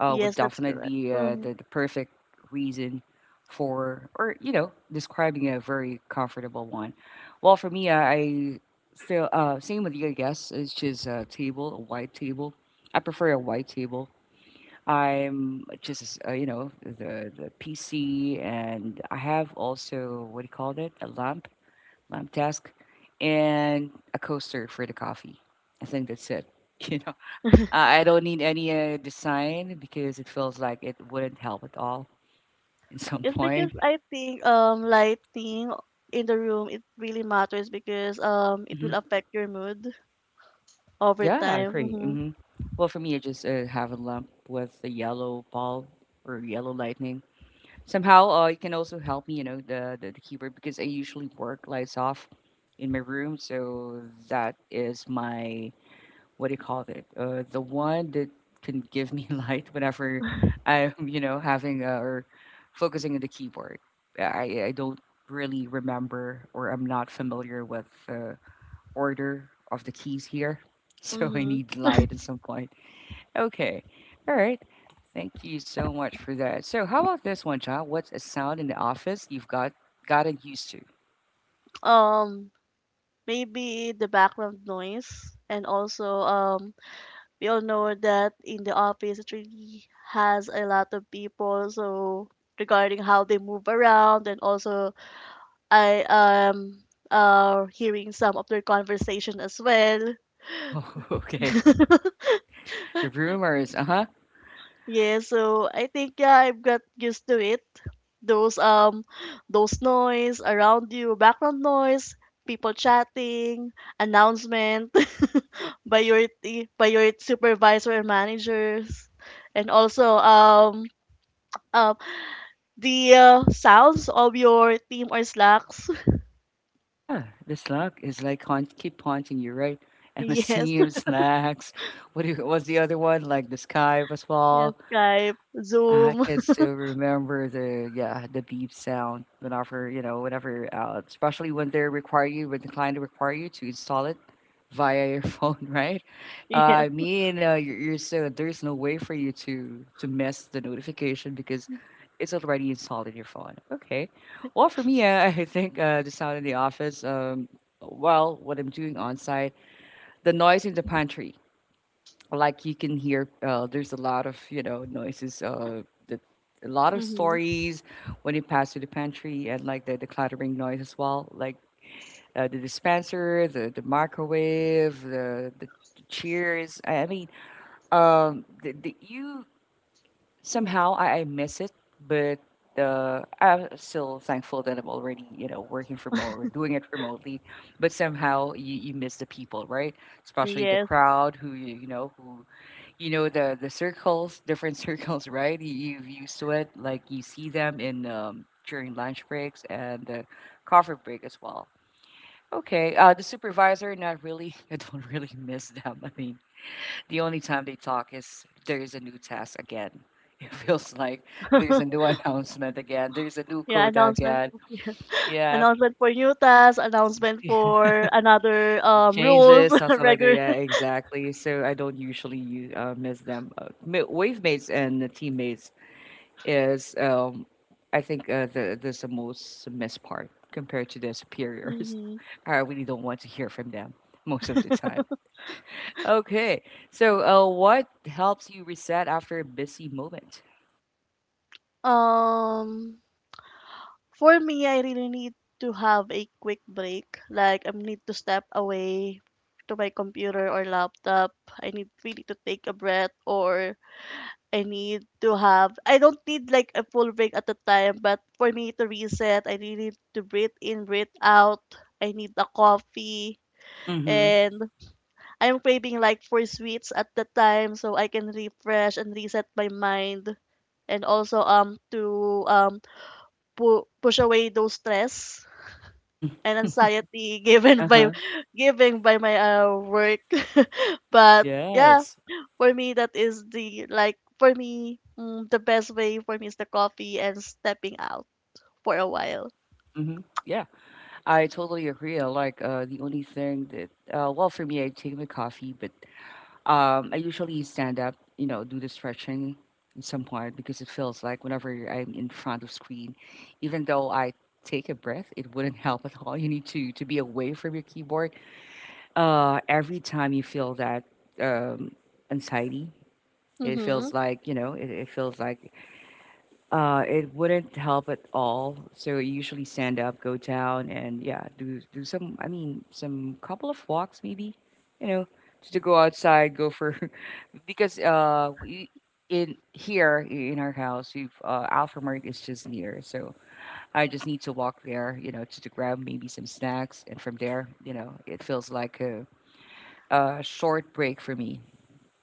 Speaker 1: uh, would
Speaker 2: Yes, that's
Speaker 1: definitely
Speaker 2: correct.
Speaker 1: be uh,
Speaker 2: Mm-hmm.
Speaker 1: the, the perfect reason for, or, you know, describing a very comfortable one. Well, for me, I I still, uh, same with you, I guess. It's just a table, a white table. I prefer a white table. I'm just, uh, you know, the, the P C, and I have also, what do you call it? A lamp, lamp desk, and a coaster for the coffee. I think that's it. I I don't need any uh, design because it feels like it wouldn't help at all in some
Speaker 2: It's because
Speaker 1: point.
Speaker 2: I think um lighting in the room, it really matters because um it will
Speaker 1: Hmm.
Speaker 2: affect your mood over
Speaker 1: Yeah, I
Speaker 2: time.
Speaker 1: agree.
Speaker 2: Mm-hmm.
Speaker 1: Hmm. Well, for me, I just uh, have a lamp with a yellow bulb or yellow lightning. Somehow, uh, it can also help me, you know, the, the, the keyboard because I usually work lights off in my room. So that is my what do you call it? Uh, the one that can give me light whenever I'm, you know, having uh, or focusing on the keyboard. I, I don't really remember or I'm not familiar with the order of the keys here. So I
Speaker 2: Mm-hmm.
Speaker 1: need light at some point. Okay. All right. Thank you so much for that. So how about this one, John? What's a sound in the office you've got gotten used to?
Speaker 2: Um Maybe the background noise, and also um we all know that in the office it really has a lot of people, so regarding how they move around, and also I am uh hearing some of their conversation as well.
Speaker 1: Oh, okay. The rumors, uh-huh.
Speaker 2: Yeah, so I think, yeah, I've got used to it. Those um those noise around you, background noise, people chatting, announcement by your t- by your supervisor and managers, and also um um the uh, sounds of your team or Slacks.
Speaker 1: Yeah, the slug is like haunt keep haunting you, right?
Speaker 2: Yes.
Speaker 1: M S C M, slacks. What do you, what's the other one? Like the sky as
Speaker 2: Yes,
Speaker 1: well.
Speaker 2: Skype,
Speaker 1: I
Speaker 2: Zoom.
Speaker 1: can still remember the yeah, the beep sound whenever, you know, whenever, uh, especially when they require you, when the client require you to install it via your phone, right? Uh,
Speaker 2: Yes.
Speaker 1: I mean, uh, you're, you're so there's no way for you to to miss the notification because it's already installed in your phone. Okay. Well, for me, uh, I think uh, the sound in the office. Um, well, what I'm doing on site, the noise in the pantry like you can hear uh, there's a lot of you know noises uh the, a lot of
Speaker 2: Mm-hmm.
Speaker 1: stories when you pass through the pantry and like the, the clattering noise as well like uh, the dispenser the, the microwave the, the cheers I I mean um the, the, you somehow I, I miss it but uh, I'm still thankful that I'm already you know working from home or doing it remotely but somehow you, you miss the people right especially the
Speaker 2: Yes.
Speaker 1: crowd who you, you know who you know the the circles, different circles, right? You, you've used to it. Like you see them in um, during lunch breaks and the coffee break as well. Okay, uh, the supervisor, not really. I don't really miss them. I mean, the only time they talk is there is a new task again. It feels like there's a new announcement again. There's a new
Speaker 2: Yeah.
Speaker 1: quota
Speaker 2: Announcement,
Speaker 1: again. Yeah,
Speaker 2: announcement for new tasks, announcement
Speaker 1: it
Speaker 2: for another um rules,
Speaker 1: changes something like that.
Speaker 2: regular.
Speaker 1: Yeah, exactly. So I don't usually use, uh, miss them. Uh, ma- wave mates and the teammates is um I think uh, the there's the most missed part compared to their superiors.
Speaker 2: Hmm.
Speaker 1: I really don't want to hear from them most of the time. Okay, so uh, what helps you reset after a busy moment?
Speaker 2: Um. For me, I really need to have a quick break. Like, I need to step away to my computer or laptop. I need really to take a breath, or I need to have. I don't need like a full break at a time, but for me to reset, I really need to breathe in, breathe out. I need a coffee,
Speaker 1: Mm-hmm.
Speaker 2: and I'm craving like for sweets at the time, so I can refresh and reset my mind, and also um to um pu- push away those stress
Speaker 1: Mm-hmm.
Speaker 2: and anxiety given
Speaker 1: Uh
Speaker 2: by
Speaker 1: huh.
Speaker 2: given by my uh, work. But yeah,
Speaker 1: Yes.
Speaker 2: for me that is the, like, for me, mm, the best way for me is the coffee and stepping out for a while.
Speaker 1: Mm-hmm. Yeah, I totally agree. I like uh, the only thing that uh, well for me, I take my coffee, but um, I usually stand up, you know, do the stretching in some part because it feels like whenever I'm in front of screen, even though I take a breath, it wouldn't help at all. You need to to be away from your keyboard. Uh, every time you feel that um, anxiety, it
Speaker 2: Mm-hmm.
Speaker 1: feels like you know, it, it feels like uh, it wouldn't help at all. So I usually stand up, go down, and yeah, do do some. I mean, some couple of walks maybe. You know, just to go outside, go for because uh we, in here i- in our house we've uh Alfamart is just near so I just need to walk there you know to, to grab maybe some snacks and from there you know it feels like a, a short break for me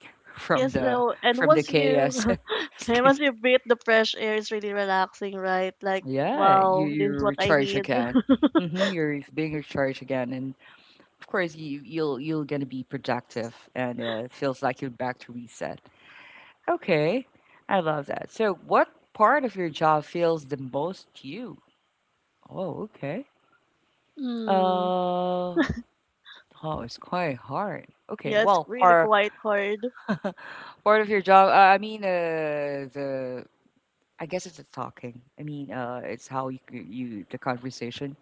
Speaker 1: from
Speaker 2: Yes.
Speaker 1: the
Speaker 2: no and
Speaker 1: from the
Speaker 2: once you
Speaker 1: chaos.
Speaker 2: and
Speaker 1: Okay.
Speaker 2: once you breathe the fresh air, it's really relaxing, right? Like,
Speaker 1: Yeah, you
Speaker 2: wow,
Speaker 1: you
Speaker 2: this is what I
Speaker 1: recharge
Speaker 2: need.
Speaker 1: again. Mm-hmm, you're being recharged again and of course you you'll you're gonna be productive and uh, it feels like you're back to reset. Okay, I love that. So, what part of your job feels the most to you? Oh, okay.
Speaker 2: Mm.
Speaker 1: Uh, oh, it's quite hard. Okay,
Speaker 2: Yeah, it's
Speaker 1: well,
Speaker 2: really
Speaker 1: part
Speaker 2: quite hard.
Speaker 1: part of your job. Uh, I mean, uh, the I guess it's the talking. I mean, uh, it's how you c- you the conversation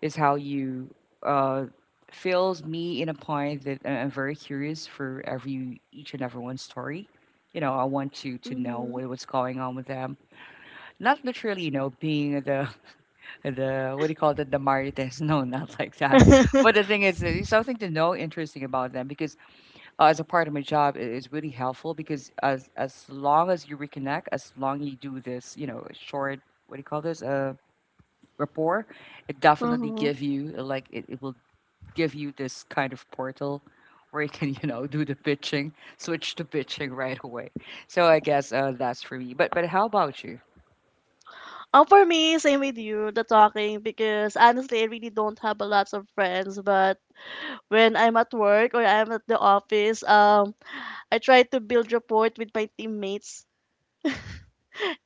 Speaker 1: is how you uh fills me in a point that I- I'm very curious for every each and everyone's story. You know, I want to to know
Speaker 2: Mm-hmm.
Speaker 1: what, what's going on with them not literally, you know, being the the what do you call that the marites no not like that but the thing is it's something to know interesting about them because uh, as a part of my job it is really helpful because as as long as you reconnect as long you do this you know short what do you call this uh rapport it definitely give you like it, it will give you this kind of portal where you can you know do the pitching switch to pitching right away so I guess uh, that's for me but but how about you.
Speaker 2: Um, for me, same with you, the talking, because honestly, I really don't have a lot of friends. But when I'm at work or I'm at the office, um, I try to build rapport with my teammates.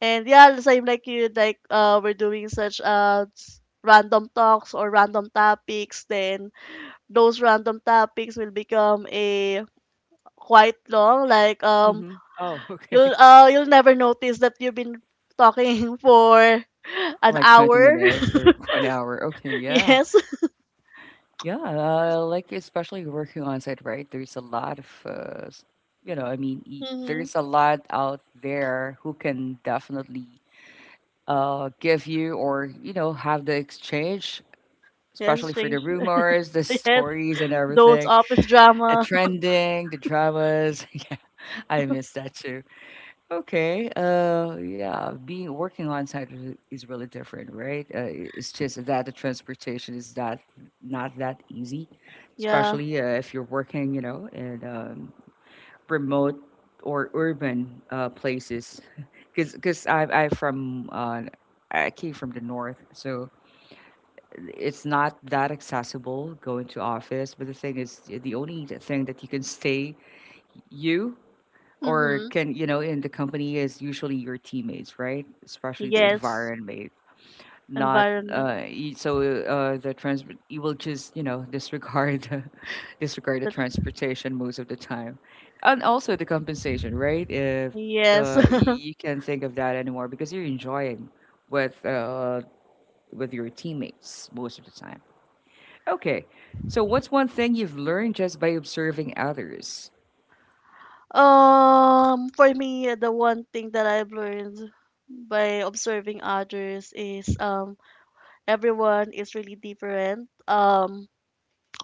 Speaker 2: And yeah, same like you, like uh, we're doing such uh s- random talks or random topics. Then those random topics will become a quite long. Like, um,
Speaker 1: Hmm. Oh, okay.
Speaker 2: you'll uh you'll never notice that you've been talking for an
Speaker 1: Like twenty
Speaker 2: hour.
Speaker 1: minutes or one hour. Okay, yeah.
Speaker 2: Yes.
Speaker 1: Yeah, uh, like especially working on site, right? There's a lot of, uh, s- you know, I mean, y-
Speaker 2: Mhm.
Speaker 1: there's a lot out there who can definitely uh, give you or, you know, have the exchange,
Speaker 2: Yes,
Speaker 1: especially for the
Speaker 2: strange.
Speaker 1: rumors, the
Speaker 2: Yes,
Speaker 1: stories and
Speaker 2: those
Speaker 1: everything,
Speaker 2: office
Speaker 1: the
Speaker 2: drama.
Speaker 1: trending, the dramas. Yeah, I miss that too. Okay. Uh, yeah, being working on site is is really different, right? Uh, i- it's just that the transportation is that not that easy,
Speaker 2: Yeah.
Speaker 1: especially uh, if you're working, you know, in um, remote or urban uh, places. Because because I I from uh, I came from the north, so it's not that accessible going to office. But the thing is, the only thing that you can stay you or
Speaker 2: Mm-hmm.
Speaker 1: can you know in the company is usually your teammates right especially the
Speaker 2: Yes,
Speaker 1: environment not
Speaker 2: environment.
Speaker 1: uh y- so uh the trans you will just you know disregard the- disregard the
Speaker 2: That's
Speaker 1: transportation most of the time and also the compensation right if
Speaker 2: yes.
Speaker 1: uh y- you can't think of that anymore because you're enjoying with uh with your teammates most of the time. Okay, so what's one thing you've learned just by observing others?
Speaker 2: Um, for me, the one thing that I've learned by observing others is, um everyone is really different. Um,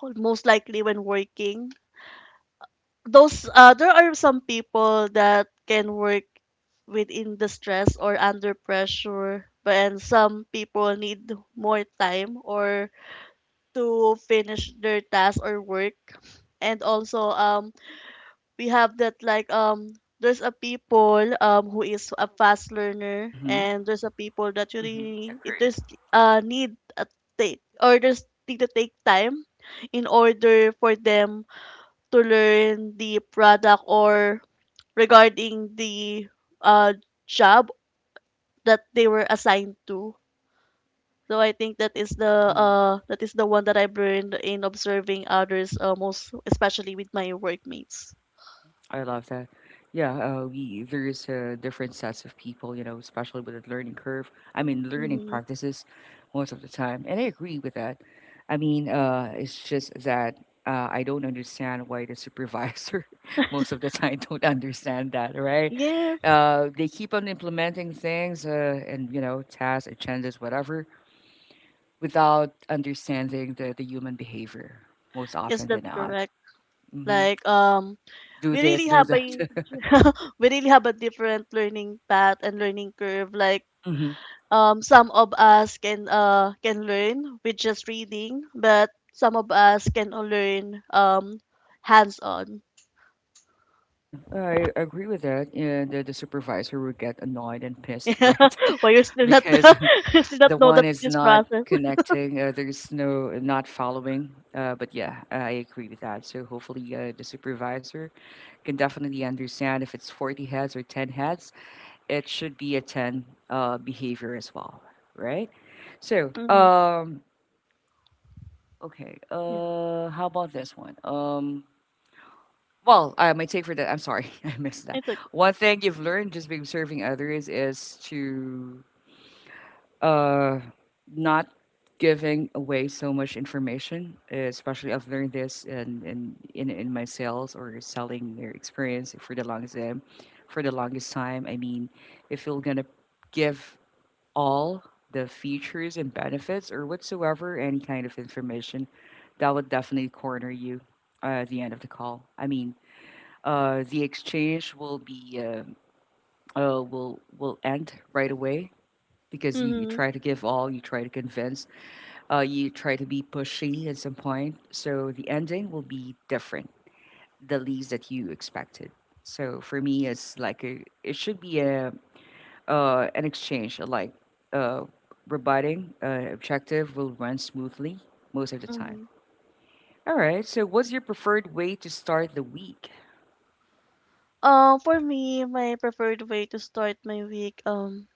Speaker 2: Most likely when working, those uh there are some people that can work within the stress or under pressure, but and some people need more time or to finish their task or work. And also um we have that, like, um there's a people um who is a fast learner,
Speaker 1: Mm-hmm.
Speaker 2: and there's a people that you
Speaker 1: Mm-hmm.
Speaker 2: really it
Speaker 1: Agree.
Speaker 2: there's uh need a take, or there's need to take time in order for them to learn the product, or regarding the uh job that they were assigned to. So I think that is the uh that is the one that I've learned in observing others, uh, most especially with my workmates.
Speaker 1: I love that. Yeah, uh, we there's uh, different sets of people, you know, especially with the learning curve. I mean, learning
Speaker 2: Mm-hmm.
Speaker 1: practices most of the time, and I agree with that. I mean, uh, it's just that uh, I don't understand why the supervisor most of the time don't understand that, right?
Speaker 2: Yeah,
Speaker 1: Uh, they keep on implementing things uh, and you know tasks, agendas, whatever, without understanding the the human behavior most
Speaker 2: yes,
Speaker 1: often than
Speaker 2: that's
Speaker 1: not.
Speaker 2: correct.
Speaker 1: hmm
Speaker 2: Like, um,
Speaker 1: Do
Speaker 2: we
Speaker 1: this,
Speaker 2: really
Speaker 1: do
Speaker 2: have
Speaker 1: that.
Speaker 2: a we really have a different learning path and learning curve. Like, um, some of us can uh can learn with just reading, but some of us can learn um hands on.
Speaker 1: Yeah, I agree with that. Yeah, the, the supervisor would get annoyed and pissed,
Speaker 2: Yeah,
Speaker 1: right?
Speaker 2: well, you still not
Speaker 1: because
Speaker 2: you still not
Speaker 1: the
Speaker 2: know
Speaker 1: one
Speaker 2: that
Speaker 1: is
Speaker 2: this
Speaker 1: not
Speaker 2: process.
Speaker 1: connecting, uh, there's no not following. Uh, but yeah, I agree with that. So hopefully, uh, the supervisor can definitely understand if it's forty heads or ten heads, it should be a ten uh, behavior as well, right? So,
Speaker 2: Mhm.
Speaker 1: um, okay,
Speaker 2: Yeah,
Speaker 1: uh, how about this one? Um, Well, uh, my take for that, I'm sorry, I missed that.
Speaker 2: it's okay.
Speaker 1: One thing you've learned just being serving others is to uh, not giving away so much information. uh, Especially, I've learned this in, in, in, in my sales or selling their experience for the longest time. For the longest time, I mean, if you're gonna give all the features and benefits or whatsoever any kind of information, that would definitely corner you uh, at the end of the call. I mean uh, the exchange will be uh, uh, will will end right away because you, you
Speaker 2: Mhm.
Speaker 1: try to give all, you try to convince, uh, you try to be pushy at some point. So the ending will be different, the least that you expected. So for me, it's like a, it should be a uh, an exchange, like uh, rebutting uh, objective will run smoothly most of the time.
Speaker 2: Mhm.
Speaker 1: All right. So what's your preferred way to start the week?
Speaker 2: Uh, for me, my preferred way to start my week, um,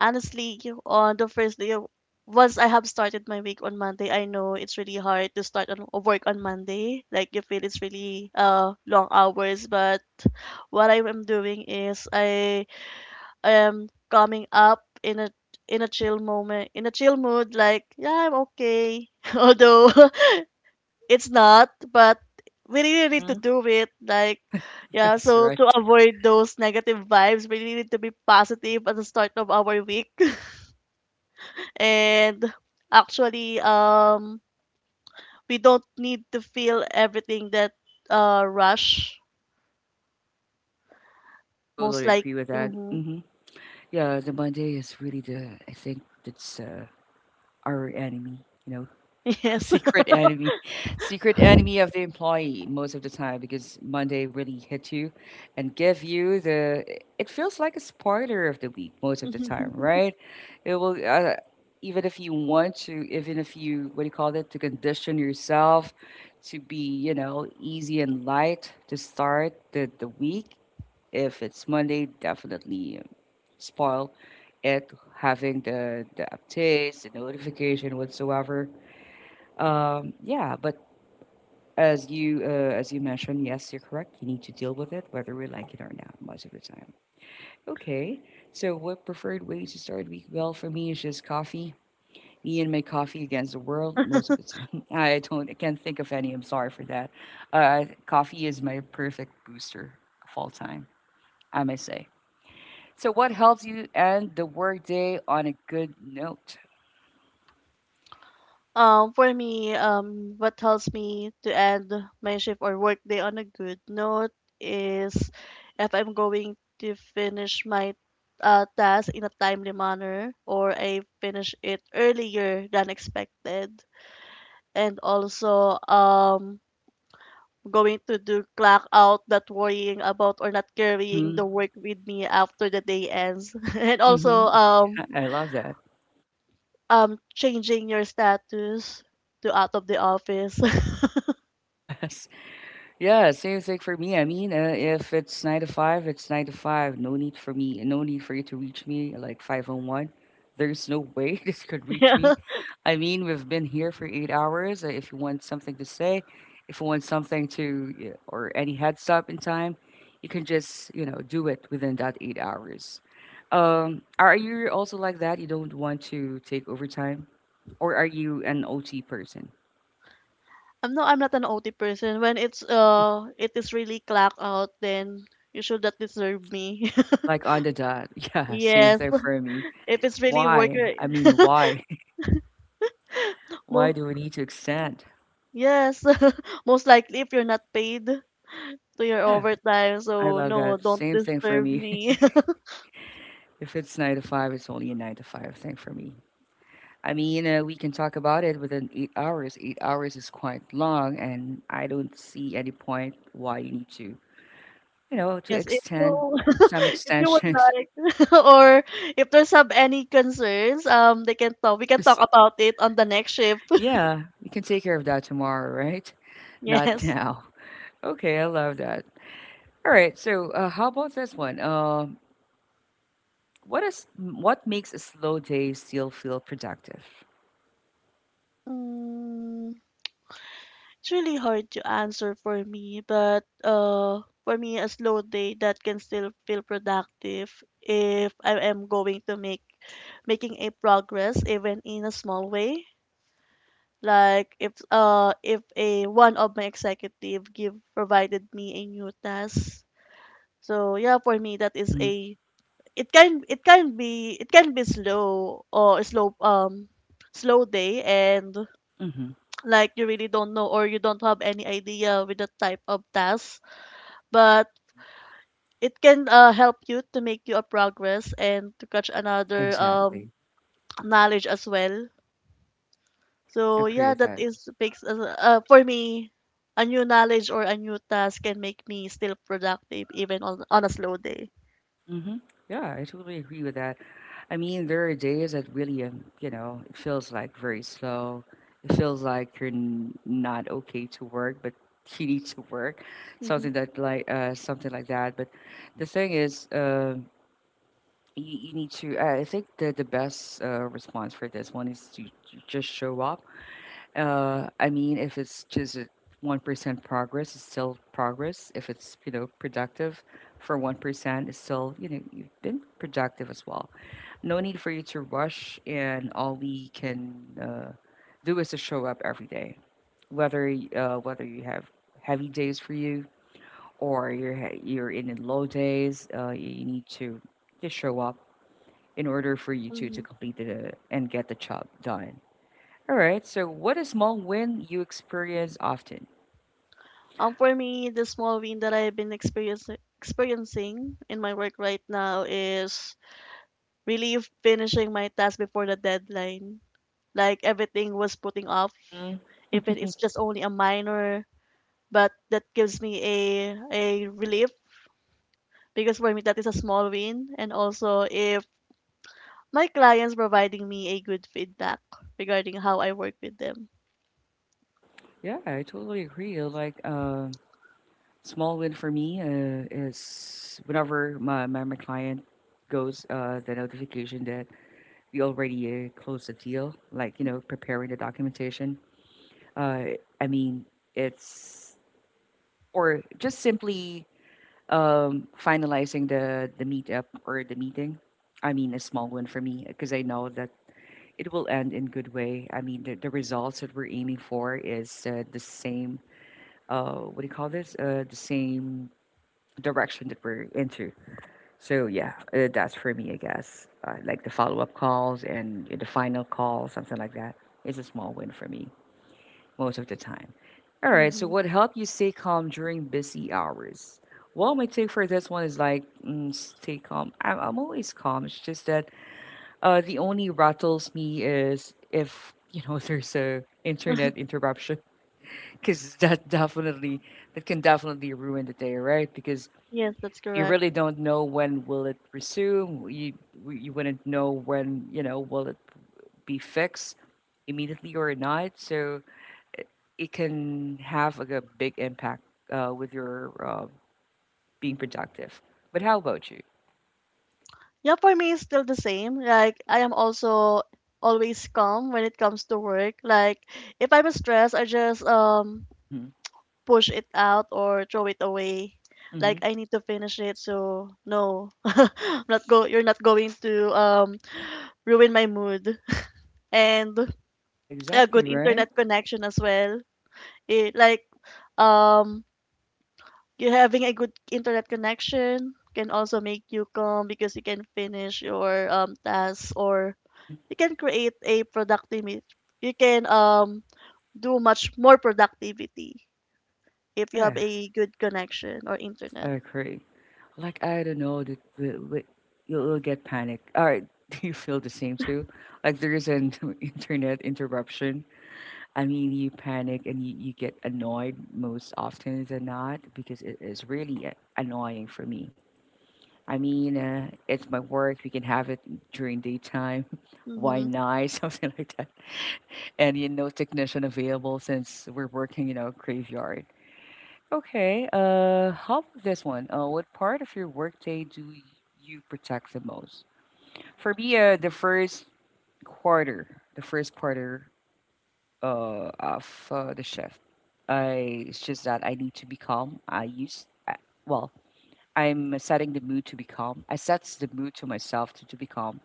Speaker 2: honestly, you- on the first day, of- once I have started my week on Monday, I know it's really hard to start on work on Monday. Like, you feel it's really uh long hours, but what I am doing is I am coming up in a in a chill moment, in a chill mood, like, yeah, I'm okay. Although it's not, but we really need to
Speaker 1: hmm
Speaker 2: do it. Like, yeah,
Speaker 1: Yes,
Speaker 2: so to
Speaker 1: right.
Speaker 2: avoid those negative vibes, we really need to be positive at the start of our week. And actually, um, we don't need to feel everything that uh rush.
Speaker 1: I
Speaker 2: Most,
Speaker 1: totally
Speaker 2: like,
Speaker 1: agree with that.
Speaker 2: mm-hmm.
Speaker 1: hmm Yeah, the Monday is really the I think that's uh, our enemy, you know,
Speaker 2: Yes.
Speaker 1: secret enemy, secret enemy of the employee most of the time because Monday really hit you and give you the it feels like a spoiler of the week most of the time, right? It will uh, even if you want to, even if you what do you call it to condition yourself to be you know easy and light to start the the week. If it's Monday, definitely um, spoiled it having the the updates, the notification whatsoever. Um, yeah, but as you uh, as you mentioned, yes, you're correct. You need to deal with it whether we like it or not most of the time. Okay, so what preferred way to start week? Well, for me, it's just coffee. Me and my coffee against the world most of the time. I don't, I can't think of any. I'm sorry for that. Uh, coffee is my perfect booster of all time, I may say. So, what helps you end the workday on a good note?
Speaker 2: Um, for me, um, what helps me to end my shift or work day on a good note is if I'm going to finish my uh, task in a timely manner, or I finish it earlier than expected. And also, um, going to do clock out, not worrying about or not carrying the
Speaker 1: Mm-hmm.
Speaker 2: work with me after the day ends. And
Speaker 1: Mm-hmm.
Speaker 2: also, um,
Speaker 1: I I love that.
Speaker 2: um, changing your status to out of the office.
Speaker 1: Yes. Yeah, same thing for me. I mean, uh, if it's nine to five, it's nine to five. No need for me, no need for you to reach me like five on one. There's no way this could reach
Speaker 2: Yeah.
Speaker 1: me. I mean, we've been here for eight hours. Uh, If you want something to say, if you want something to, uh, or any heads up in time, you can just, you know, do it within that eight hours. Um, are you also like that? You don't want to take overtime, or are you an O T person?
Speaker 2: I'm no, I'm not an O T person. When it's uh, it is really clock out, then you should not disturb me.
Speaker 1: Like on the dot. Yeah, same
Speaker 2: Yes,
Speaker 1: thing for me.
Speaker 2: if it's really work,
Speaker 1: Why?
Speaker 2: re-
Speaker 1: I mean, why? Why
Speaker 2: mo
Speaker 1: do we need to extend?
Speaker 2: yes, most likely if you're not paid to your
Speaker 1: Yeah,
Speaker 2: overtime,
Speaker 1: I
Speaker 2: so
Speaker 1: love
Speaker 2: no,
Speaker 1: that.
Speaker 2: don't
Speaker 1: Same thing for
Speaker 2: disturb
Speaker 1: me.
Speaker 2: me.
Speaker 1: if it's nine to five, it's only a nine to five thing for me. I mean, uh, we can talk about it within eight hours. Eight hours is quite long, and I don't see any point why you need to, you know, to
Speaker 2: Yes, if you
Speaker 1: extend some
Speaker 2: if you would
Speaker 1: extensions.
Speaker 2: like, or if there's have any concerns, um, they can talk. We can
Speaker 1: yes.
Speaker 2: talk about it on the next shift.
Speaker 1: Yeah, we can take care of that tomorrow, right? Not
Speaker 2: Yes.
Speaker 1: now. Okay, I love that. All right. So, uh, how about this one? Um, what is what makes a slow day still feel productive?
Speaker 2: Mm, It's really hard to answer for me, but uh, for me, a slow day that can still feel productive if I am going to make making a progress even in a small way. Like if uh if a one of my executive give provided me a new task. So yeah, for me that is
Speaker 1: hmm
Speaker 2: a it can it can be it can be slow or slow um slow day, and
Speaker 1: hmm
Speaker 2: like, you really don't know or you don't have any idea with the type of task, but it can uh, help you to make you a progress and to catch another um,
Speaker 1: Exactly.
Speaker 2: knowledge as well. So
Speaker 1: Agree
Speaker 2: yeah,
Speaker 1: with
Speaker 2: that
Speaker 1: that.
Speaker 2: is makes us- uh, for me, a new knowledge or a new task can make me still productive even on, on a slow day.
Speaker 1: hmm Yeah, I totally agree with that. I mean, there are days that really, um, you know, it feels like very slow. It feels like you're n- not okay to work, but you need to work,
Speaker 2: Hmm.
Speaker 1: something that like uh, something like that. But the thing is. um you, you need to i I think the, the best uh, response for this one is to j- just show up uh, I mean if it's just one percent progress it's still progress if it's you know productive for one percent it's still you know you've been productive as well no need for you to rush and all we can uh, do is to show up every day whether y- uh, whether you have heavy days for you or you're he- you're in the low days uh, you need to just show up in order for you two to
Speaker 2: Hmm.
Speaker 1: complete the and get the job done. All right. So, what a small win you experience often.
Speaker 2: Um, for me, the small win that I've been experiencing experiencing in my work right now is really finishing my task before the deadline. Like, everything was putting off,
Speaker 1: hmm
Speaker 2: even it's just only a minor, but that gives me a a relief because for me that is a small win. And also if my clients providing me a good feedback regarding how I work with them.
Speaker 1: Yeah, I totally agree. Like, uh, small win for me uh, is whenever my, my my client goes uh, the notification that we already uh, closed the deal. Like, you know, preparing the documentation. Uh, I mean, it's or just simply um finalizing the the meetup or the meeting I mean a small one for me because I know that it will end in good way I mean the, the results that we're aiming for is uh, the same uh what do you call this uh the same direction that we're into so yeah uh, that's for me I guess uh, like the follow-up calls and the final call something like that is a small win for me most of the time all right,
Speaker 2: Mm-hmm.
Speaker 1: so what helped you stay calm during busy hours? Well, my take for this one is like mm, stay calm. I'm, I'm always calm. It's just that uh, the only rattles me is if you know there's a internet interruption because that definitely that can definitely ruin the day, right? Because
Speaker 2: Yes, that's
Speaker 1: you
Speaker 2: correct.
Speaker 1: really don't know when will it resume. You you wouldn't know when you know will it be fixed immediately or not. So it can have like a big impact uh, with your uh, being productive. But how about you?
Speaker 2: Yeah, for me it's still the same. Like, I am also always calm when it comes to work. Like, if I'm stressed, I just um
Speaker 1: Mhm.
Speaker 2: push it out or throw it away. Like,
Speaker 1: Mhm.
Speaker 2: I need to finish it, so no, I'm not go. You're not going to um ruin my mood and
Speaker 1: Yeah,
Speaker 2: a good
Speaker 1: exactly, right?
Speaker 2: internet connection as well. It, like, um you having a good internet connection can also make you calm because you can finish your um tasks, or
Speaker 1: Mhm.
Speaker 2: you can create a productivity. You can um do much more productivity if you have
Speaker 1: Yeah,
Speaker 2: a good connection or
Speaker 1: I
Speaker 2: internet.
Speaker 1: agree. Like, I don't know, the, the, the, you'll, you'll get panic. All right, do you feel the same too? Like, there is an internet interruption. I mean, you panic and you, you get annoyed most often than not because it is really uh, annoying for me. I mean, uh, it's my work. We can have it during daytime. Why
Speaker 2: Mm-hmm.
Speaker 1: not? Something like that. And you know technician available since we're working in a graveyard. Okay, uh, how about this one? Uh, what part of your workday do you protect the most? For me, uh, the first quarter, the first quarter uh, of uh, the shift. I it's just that I need to be calm. I use I, well, I'm setting the mood to be calm. I sets the mood to myself to, to be calm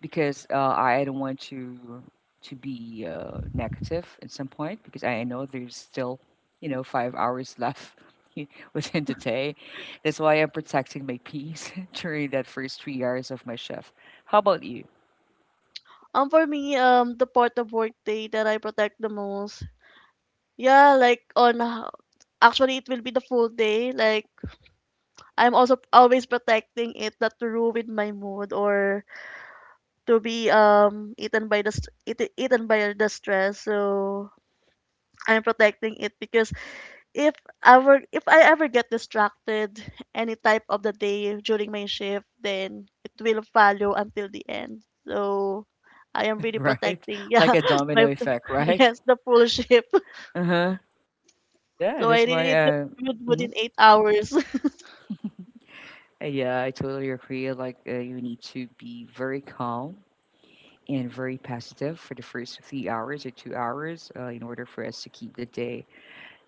Speaker 1: because uh, I don't want to to be uh, negative at some point because I know there's still you know five hours left within the day. That's why I'm protecting my peace during that first three hours of my shift. How about you?
Speaker 2: Um, for me, um, the part of workday that I protect the most, yeah, like on, h- actually, it will be the full day. Like I'm also p- always protecting it not to ruin my mood or to be um eaten by the st- eat, eaten by the stress. So I'm protecting it because if ever if I ever get distracted any type of the day during my shift, then it will follow until the end. So I am really
Speaker 1: Right,
Speaker 2: protecting,
Speaker 1: like
Speaker 2: yeah,
Speaker 1: a domino
Speaker 2: my
Speaker 1: effect, right?
Speaker 2: yes, the full shift.
Speaker 1: Uh huh. Yeah,
Speaker 2: So I
Speaker 1: that's
Speaker 2: really
Speaker 1: why.
Speaker 2: need to
Speaker 1: Uh,
Speaker 2: do it
Speaker 1: mhm.
Speaker 2: within eight hours.
Speaker 1: Uh, yeah, I totally agree. Like uh, you need to be very calm and very positive for the first three hours or two hours uh, in order for us to keep the day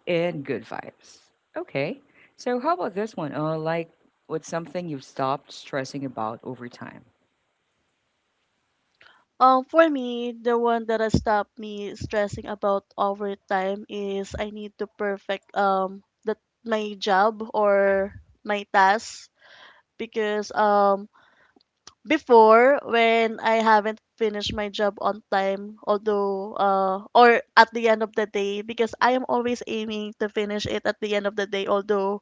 Speaker 1: And good vibes. Okay. So how about this one? Uh, like what's something you've stopped stressing about over time?
Speaker 2: Um, for me, the one that has stopped me stressing about overtime is I need to perfect um the my job or my task because um before when I haven't finished my job on time, although uh or at the end of the day because I am always aiming to finish it at the end of the day, although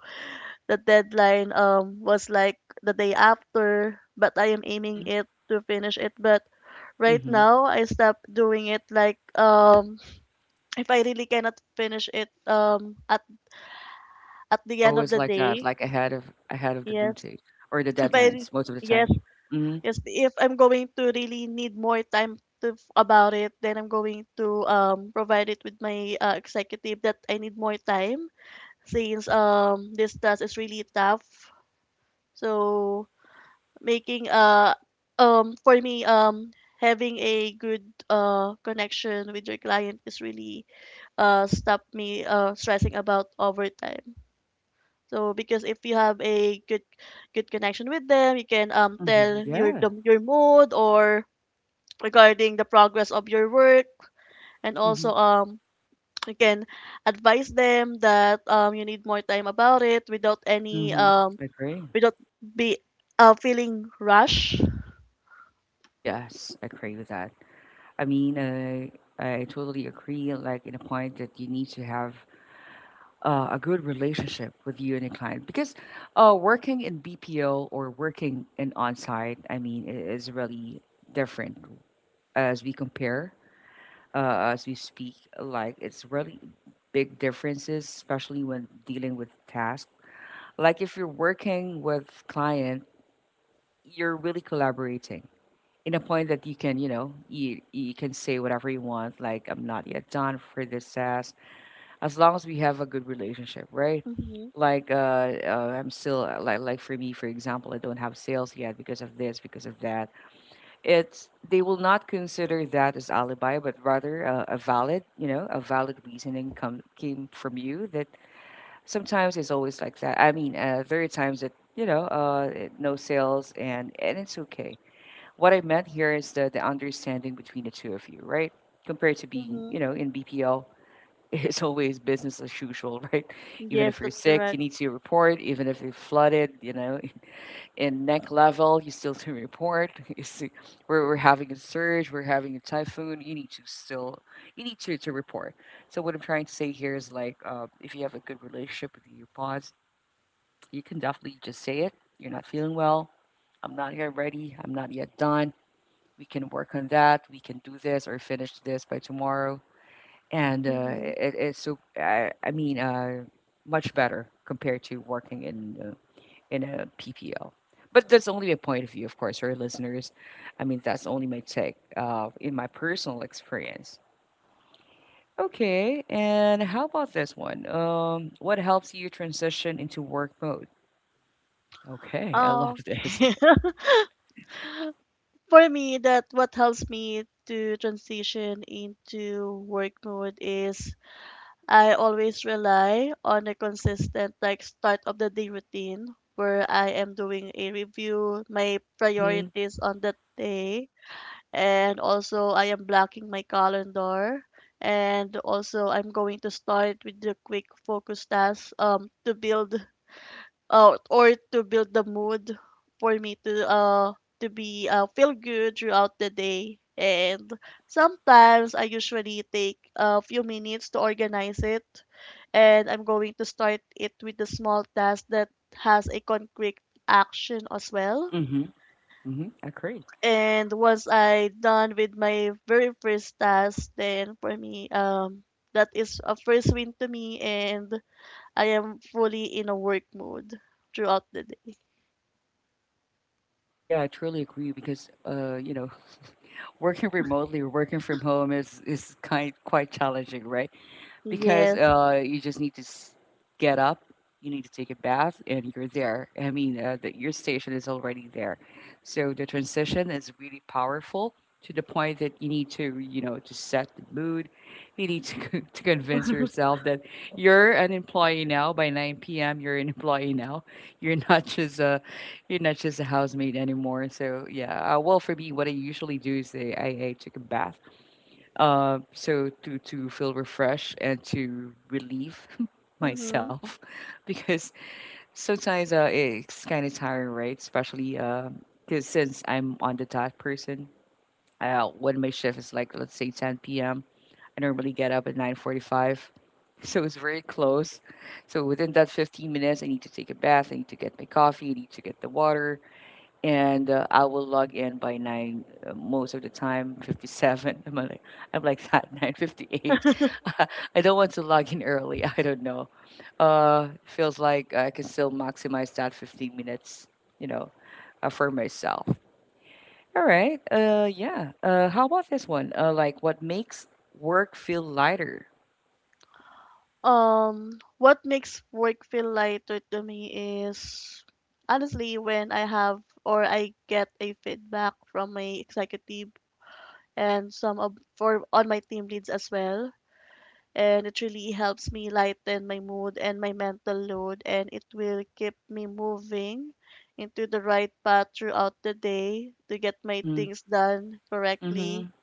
Speaker 2: the deadline um was like the day after, but I am
Speaker 1: hmm
Speaker 2: aiming it to finish it. But right
Speaker 1: hmm
Speaker 2: now I stopped doing it like um if I really cannot finish it um at at the
Speaker 1: You're
Speaker 2: end of
Speaker 1: always
Speaker 2: the
Speaker 1: like that,
Speaker 2: day,
Speaker 1: like ahead of ahead of the due
Speaker 2: yes.
Speaker 1: date or the
Speaker 2: If I re-
Speaker 1: deadlines most of the
Speaker 2: yes.
Speaker 1: time. hmm
Speaker 2: Yes, if I'm going to really need more time to f- about it, then I'm going to um provide it with my uh, executive that I need more time since um this task is really tough. So making uh um for me um having a good uh connection with your client is really uh stop me uh stressing about overtime. So because if you have a good good connection with them, you can um
Speaker 1: hmm
Speaker 2: tell your
Speaker 1: Yeah.
Speaker 2: the- your mood or regarding the progress of your work, and also
Speaker 1: hmm
Speaker 2: um you can advise them that um you need more time about it without any
Speaker 1: hmm
Speaker 2: um
Speaker 1: I agree.
Speaker 2: without be uh feeling rush.
Speaker 1: Yes, I agree with that. I mean, uh, I totally agree. Like in a point that you need to have uh, a good relationship with you and your client because uh, working in B P O or working in on-site, I mean, I- is really different as we compare, uh, as we speak. Like it's really big differences, especially when dealing with tasks. Like if you're working with client, you're really collaborating in a point that you can, you know, you you can say whatever you want. Like I'm not yet done for this task, as long as we have a good relationship, right?
Speaker 2: Mm-hmm.
Speaker 1: Like uh, uh I'm still, uh, like like for me, for example, I don't have sales yet because of this, because of that. It's they will not consider that as alibi, but rather uh, a valid, you know, a valid reasoning come came from you. That sometimes it's always like that. I mean uh, there are times that, you know, uh it- no sales, and and it's okay. What I meant here is the the understanding between the two of you, right? Compared to being,
Speaker 2: Mm-hmm.
Speaker 1: you know, in BPL, it's always business as usual, right? Even
Speaker 2: Yes,
Speaker 1: if you're
Speaker 2: that's
Speaker 1: sick, you
Speaker 2: correct.
Speaker 1: need to report. Even if you're flooded, you know, in neck level, you still to report. You see, we're, we're having a surge, we're having a typhoon. You need to still, you need to, to report. So what I'm trying to say here is like, uh, if you have a good relationship with your boss, you can definitely just say it. You're not feeling well. I'm not yet ready. I'm not yet done. We can work on that. We can do this or finish this by tomorrow, and uh,
Speaker 2: Mm-hmm.
Speaker 1: it, it's so I, I mean uh, much better compared to working in uh, in a P P L. But that's only a point of view, of course, for our listeners. I mean, that's only my take uh, in my personal experience. Okay, and how about this one? Um, what helps you transition into work mode? Okay, I love
Speaker 2: Oh.
Speaker 1: this.
Speaker 2: For me, that what helps me to transition into work mode is I always rely on a consistent like start of the day routine where I am doing a review, my
Speaker 1: Mhm,
Speaker 2: priorities on that day, and also I am blocking my calendar. And also I'm going to start with the quick focus tasks um to build uh, or to build the mood for me to uh to be uh, feel good throughout the day. And sometimes I usually take a few minutes to organize it, and I'm going to start it with a small task that has a concrete action as well.
Speaker 1: mhm, mhm. I agree.
Speaker 2: And once I done with my very first task, then for me um that is a first win to me, and I am fully in a work mode throughout the day.
Speaker 1: Yeah, I truly agree because uh, you know, working remotely or working from home is is kind quite challenging, right? Because
Speaker 2: Yes.
Speaker 1: uh, you just need to s- get up, you need to take a bath, and you're there. I mean, uh, the, your station is already there. So the transition is really powerful to the point that you need to, you know, to set the mood. You need to, to convince yourself that you're an employee now. By nine p m, you're an employee now. You're not just a, you're not just a housemaid anymore. So yeah, uh, well, for me, what I usually do is I, I, I took a bath uh, so to to feel refreshed and to relieve
Speaker 2: Hmm.
Speaker 1: myself because sometimes uh, it's kind of tiring, right? Especially uh, 'cause since I'm on the dot person, uh, when my shift is like, let's say, ten p m, I normally get up at nine forty-five, so it's very close. So within that fifteen minutes, I need to take a bath, I need to get my coffee, I need to get the water, and uh, I will log in by nine, uh, most of the time, fifty-seven. I'm like, I'm like that nine fifty-eight. I don't want to log in early. I don't know. Uh, feels like I can still maximize that fifteen minutes, you know, uh, for myself. All right. Uh, yeah. Uh, how about this one? Uh, like what makes work feel lighter?
Speaker 2: Um, what makes work feel lighter to me is honestly when I have or I get a feedback from my executive and some of for on my team leads as well. And it really helps me lighten my mood and my mental load, and it will keep me moving into the right path throughout the day to get my
Speaker 1: Mm-hmm.
Speaker 2: things done correctly.
Speaker 1: Mm-hmm.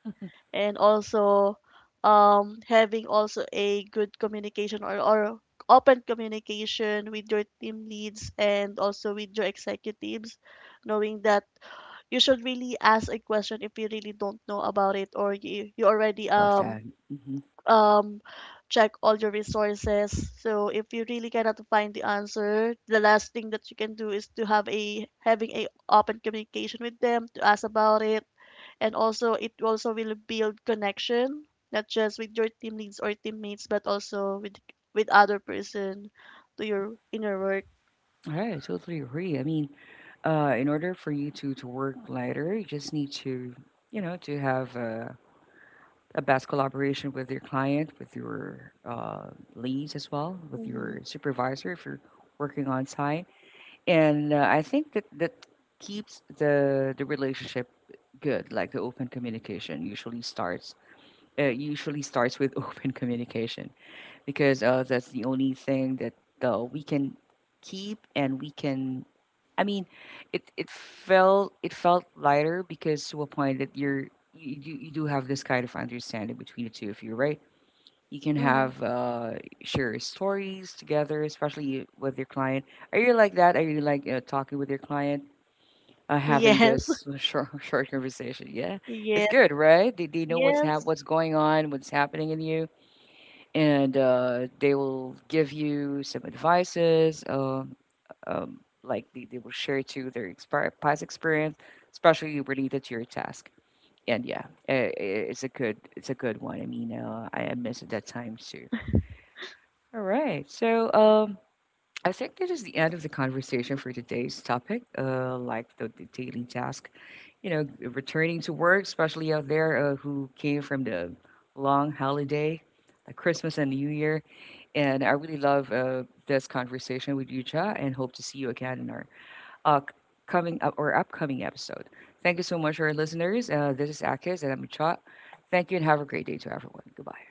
Speaker 2: And also um having also a good communication or, or open communication with your team leads and also with your executives, knowing that you should really ask a question if you really don't know about it, or you, you already
Speaker 1: I love that.
Speaker 2: um
Speaker 1: Mm-hmm.
Speaker 2: um check all your resources. So if you really cannot find the answer, the last thing that you can do is to have a having a open communication with them to ask about it. And also it also will build connection, not just with your team leads or teammates, but also with with other person to
Speaker 1: Mm-hmm.
Speaker 2: your in your work.
Speaker 1: All right, I totally agree. I mean, uh, in order for you to to work lighter, you just need to, you know, to have uh, a best collaboration with your client, with your uh, leads as well, with
Speaker 2: Mm-hmm.
Speaker 1: your supervisor if you're working on site. And uh, I think that that keeps the the relationship good. Like the open communication usually starts uh, usually starts with open communication because uh, that's the only thing that uh, we can keep and we can. I mean, it it felt it felt lighter because to a point that you're you, you you do have this kind of understanding between the two of you, right? You can
Speaker 2: Mm-hmm.
Speaker 1: have uh, share stories together, especially with your client. Are you like that? Are you like uh, talking with your client, uh, having
Speaker 2: Yes.
Speaker 1: this short short conversation? Yeah, it's
Speaker 2: Yes.
Speaker 1: good, right? They, they know what's hap-
Speaker 2: Yes.
Speaker 1: what's going on, what's happening in you, and uh, they will give you some advices. Uh, um, like they, they will share to their expi- past experience, especially related to your task. And yeah, i i- it's a good it's a good one. I mean, uh, I I miss it that time too. All right. So, um, I think this is the end of the conversation for today's topic, uh, like the, the daily task. You know, returning to work, especially out there uh, who came from the long holiday, like Christmas and New Year. And I really love uh, this conversation with you, Cha, and hope to see you again in our uh, c- coming up or upcoming episode. Thank you so much, our listeners. Uh, this is Akis, and I'm Cha. Thank you, and have a great day to everyone. Goodbye.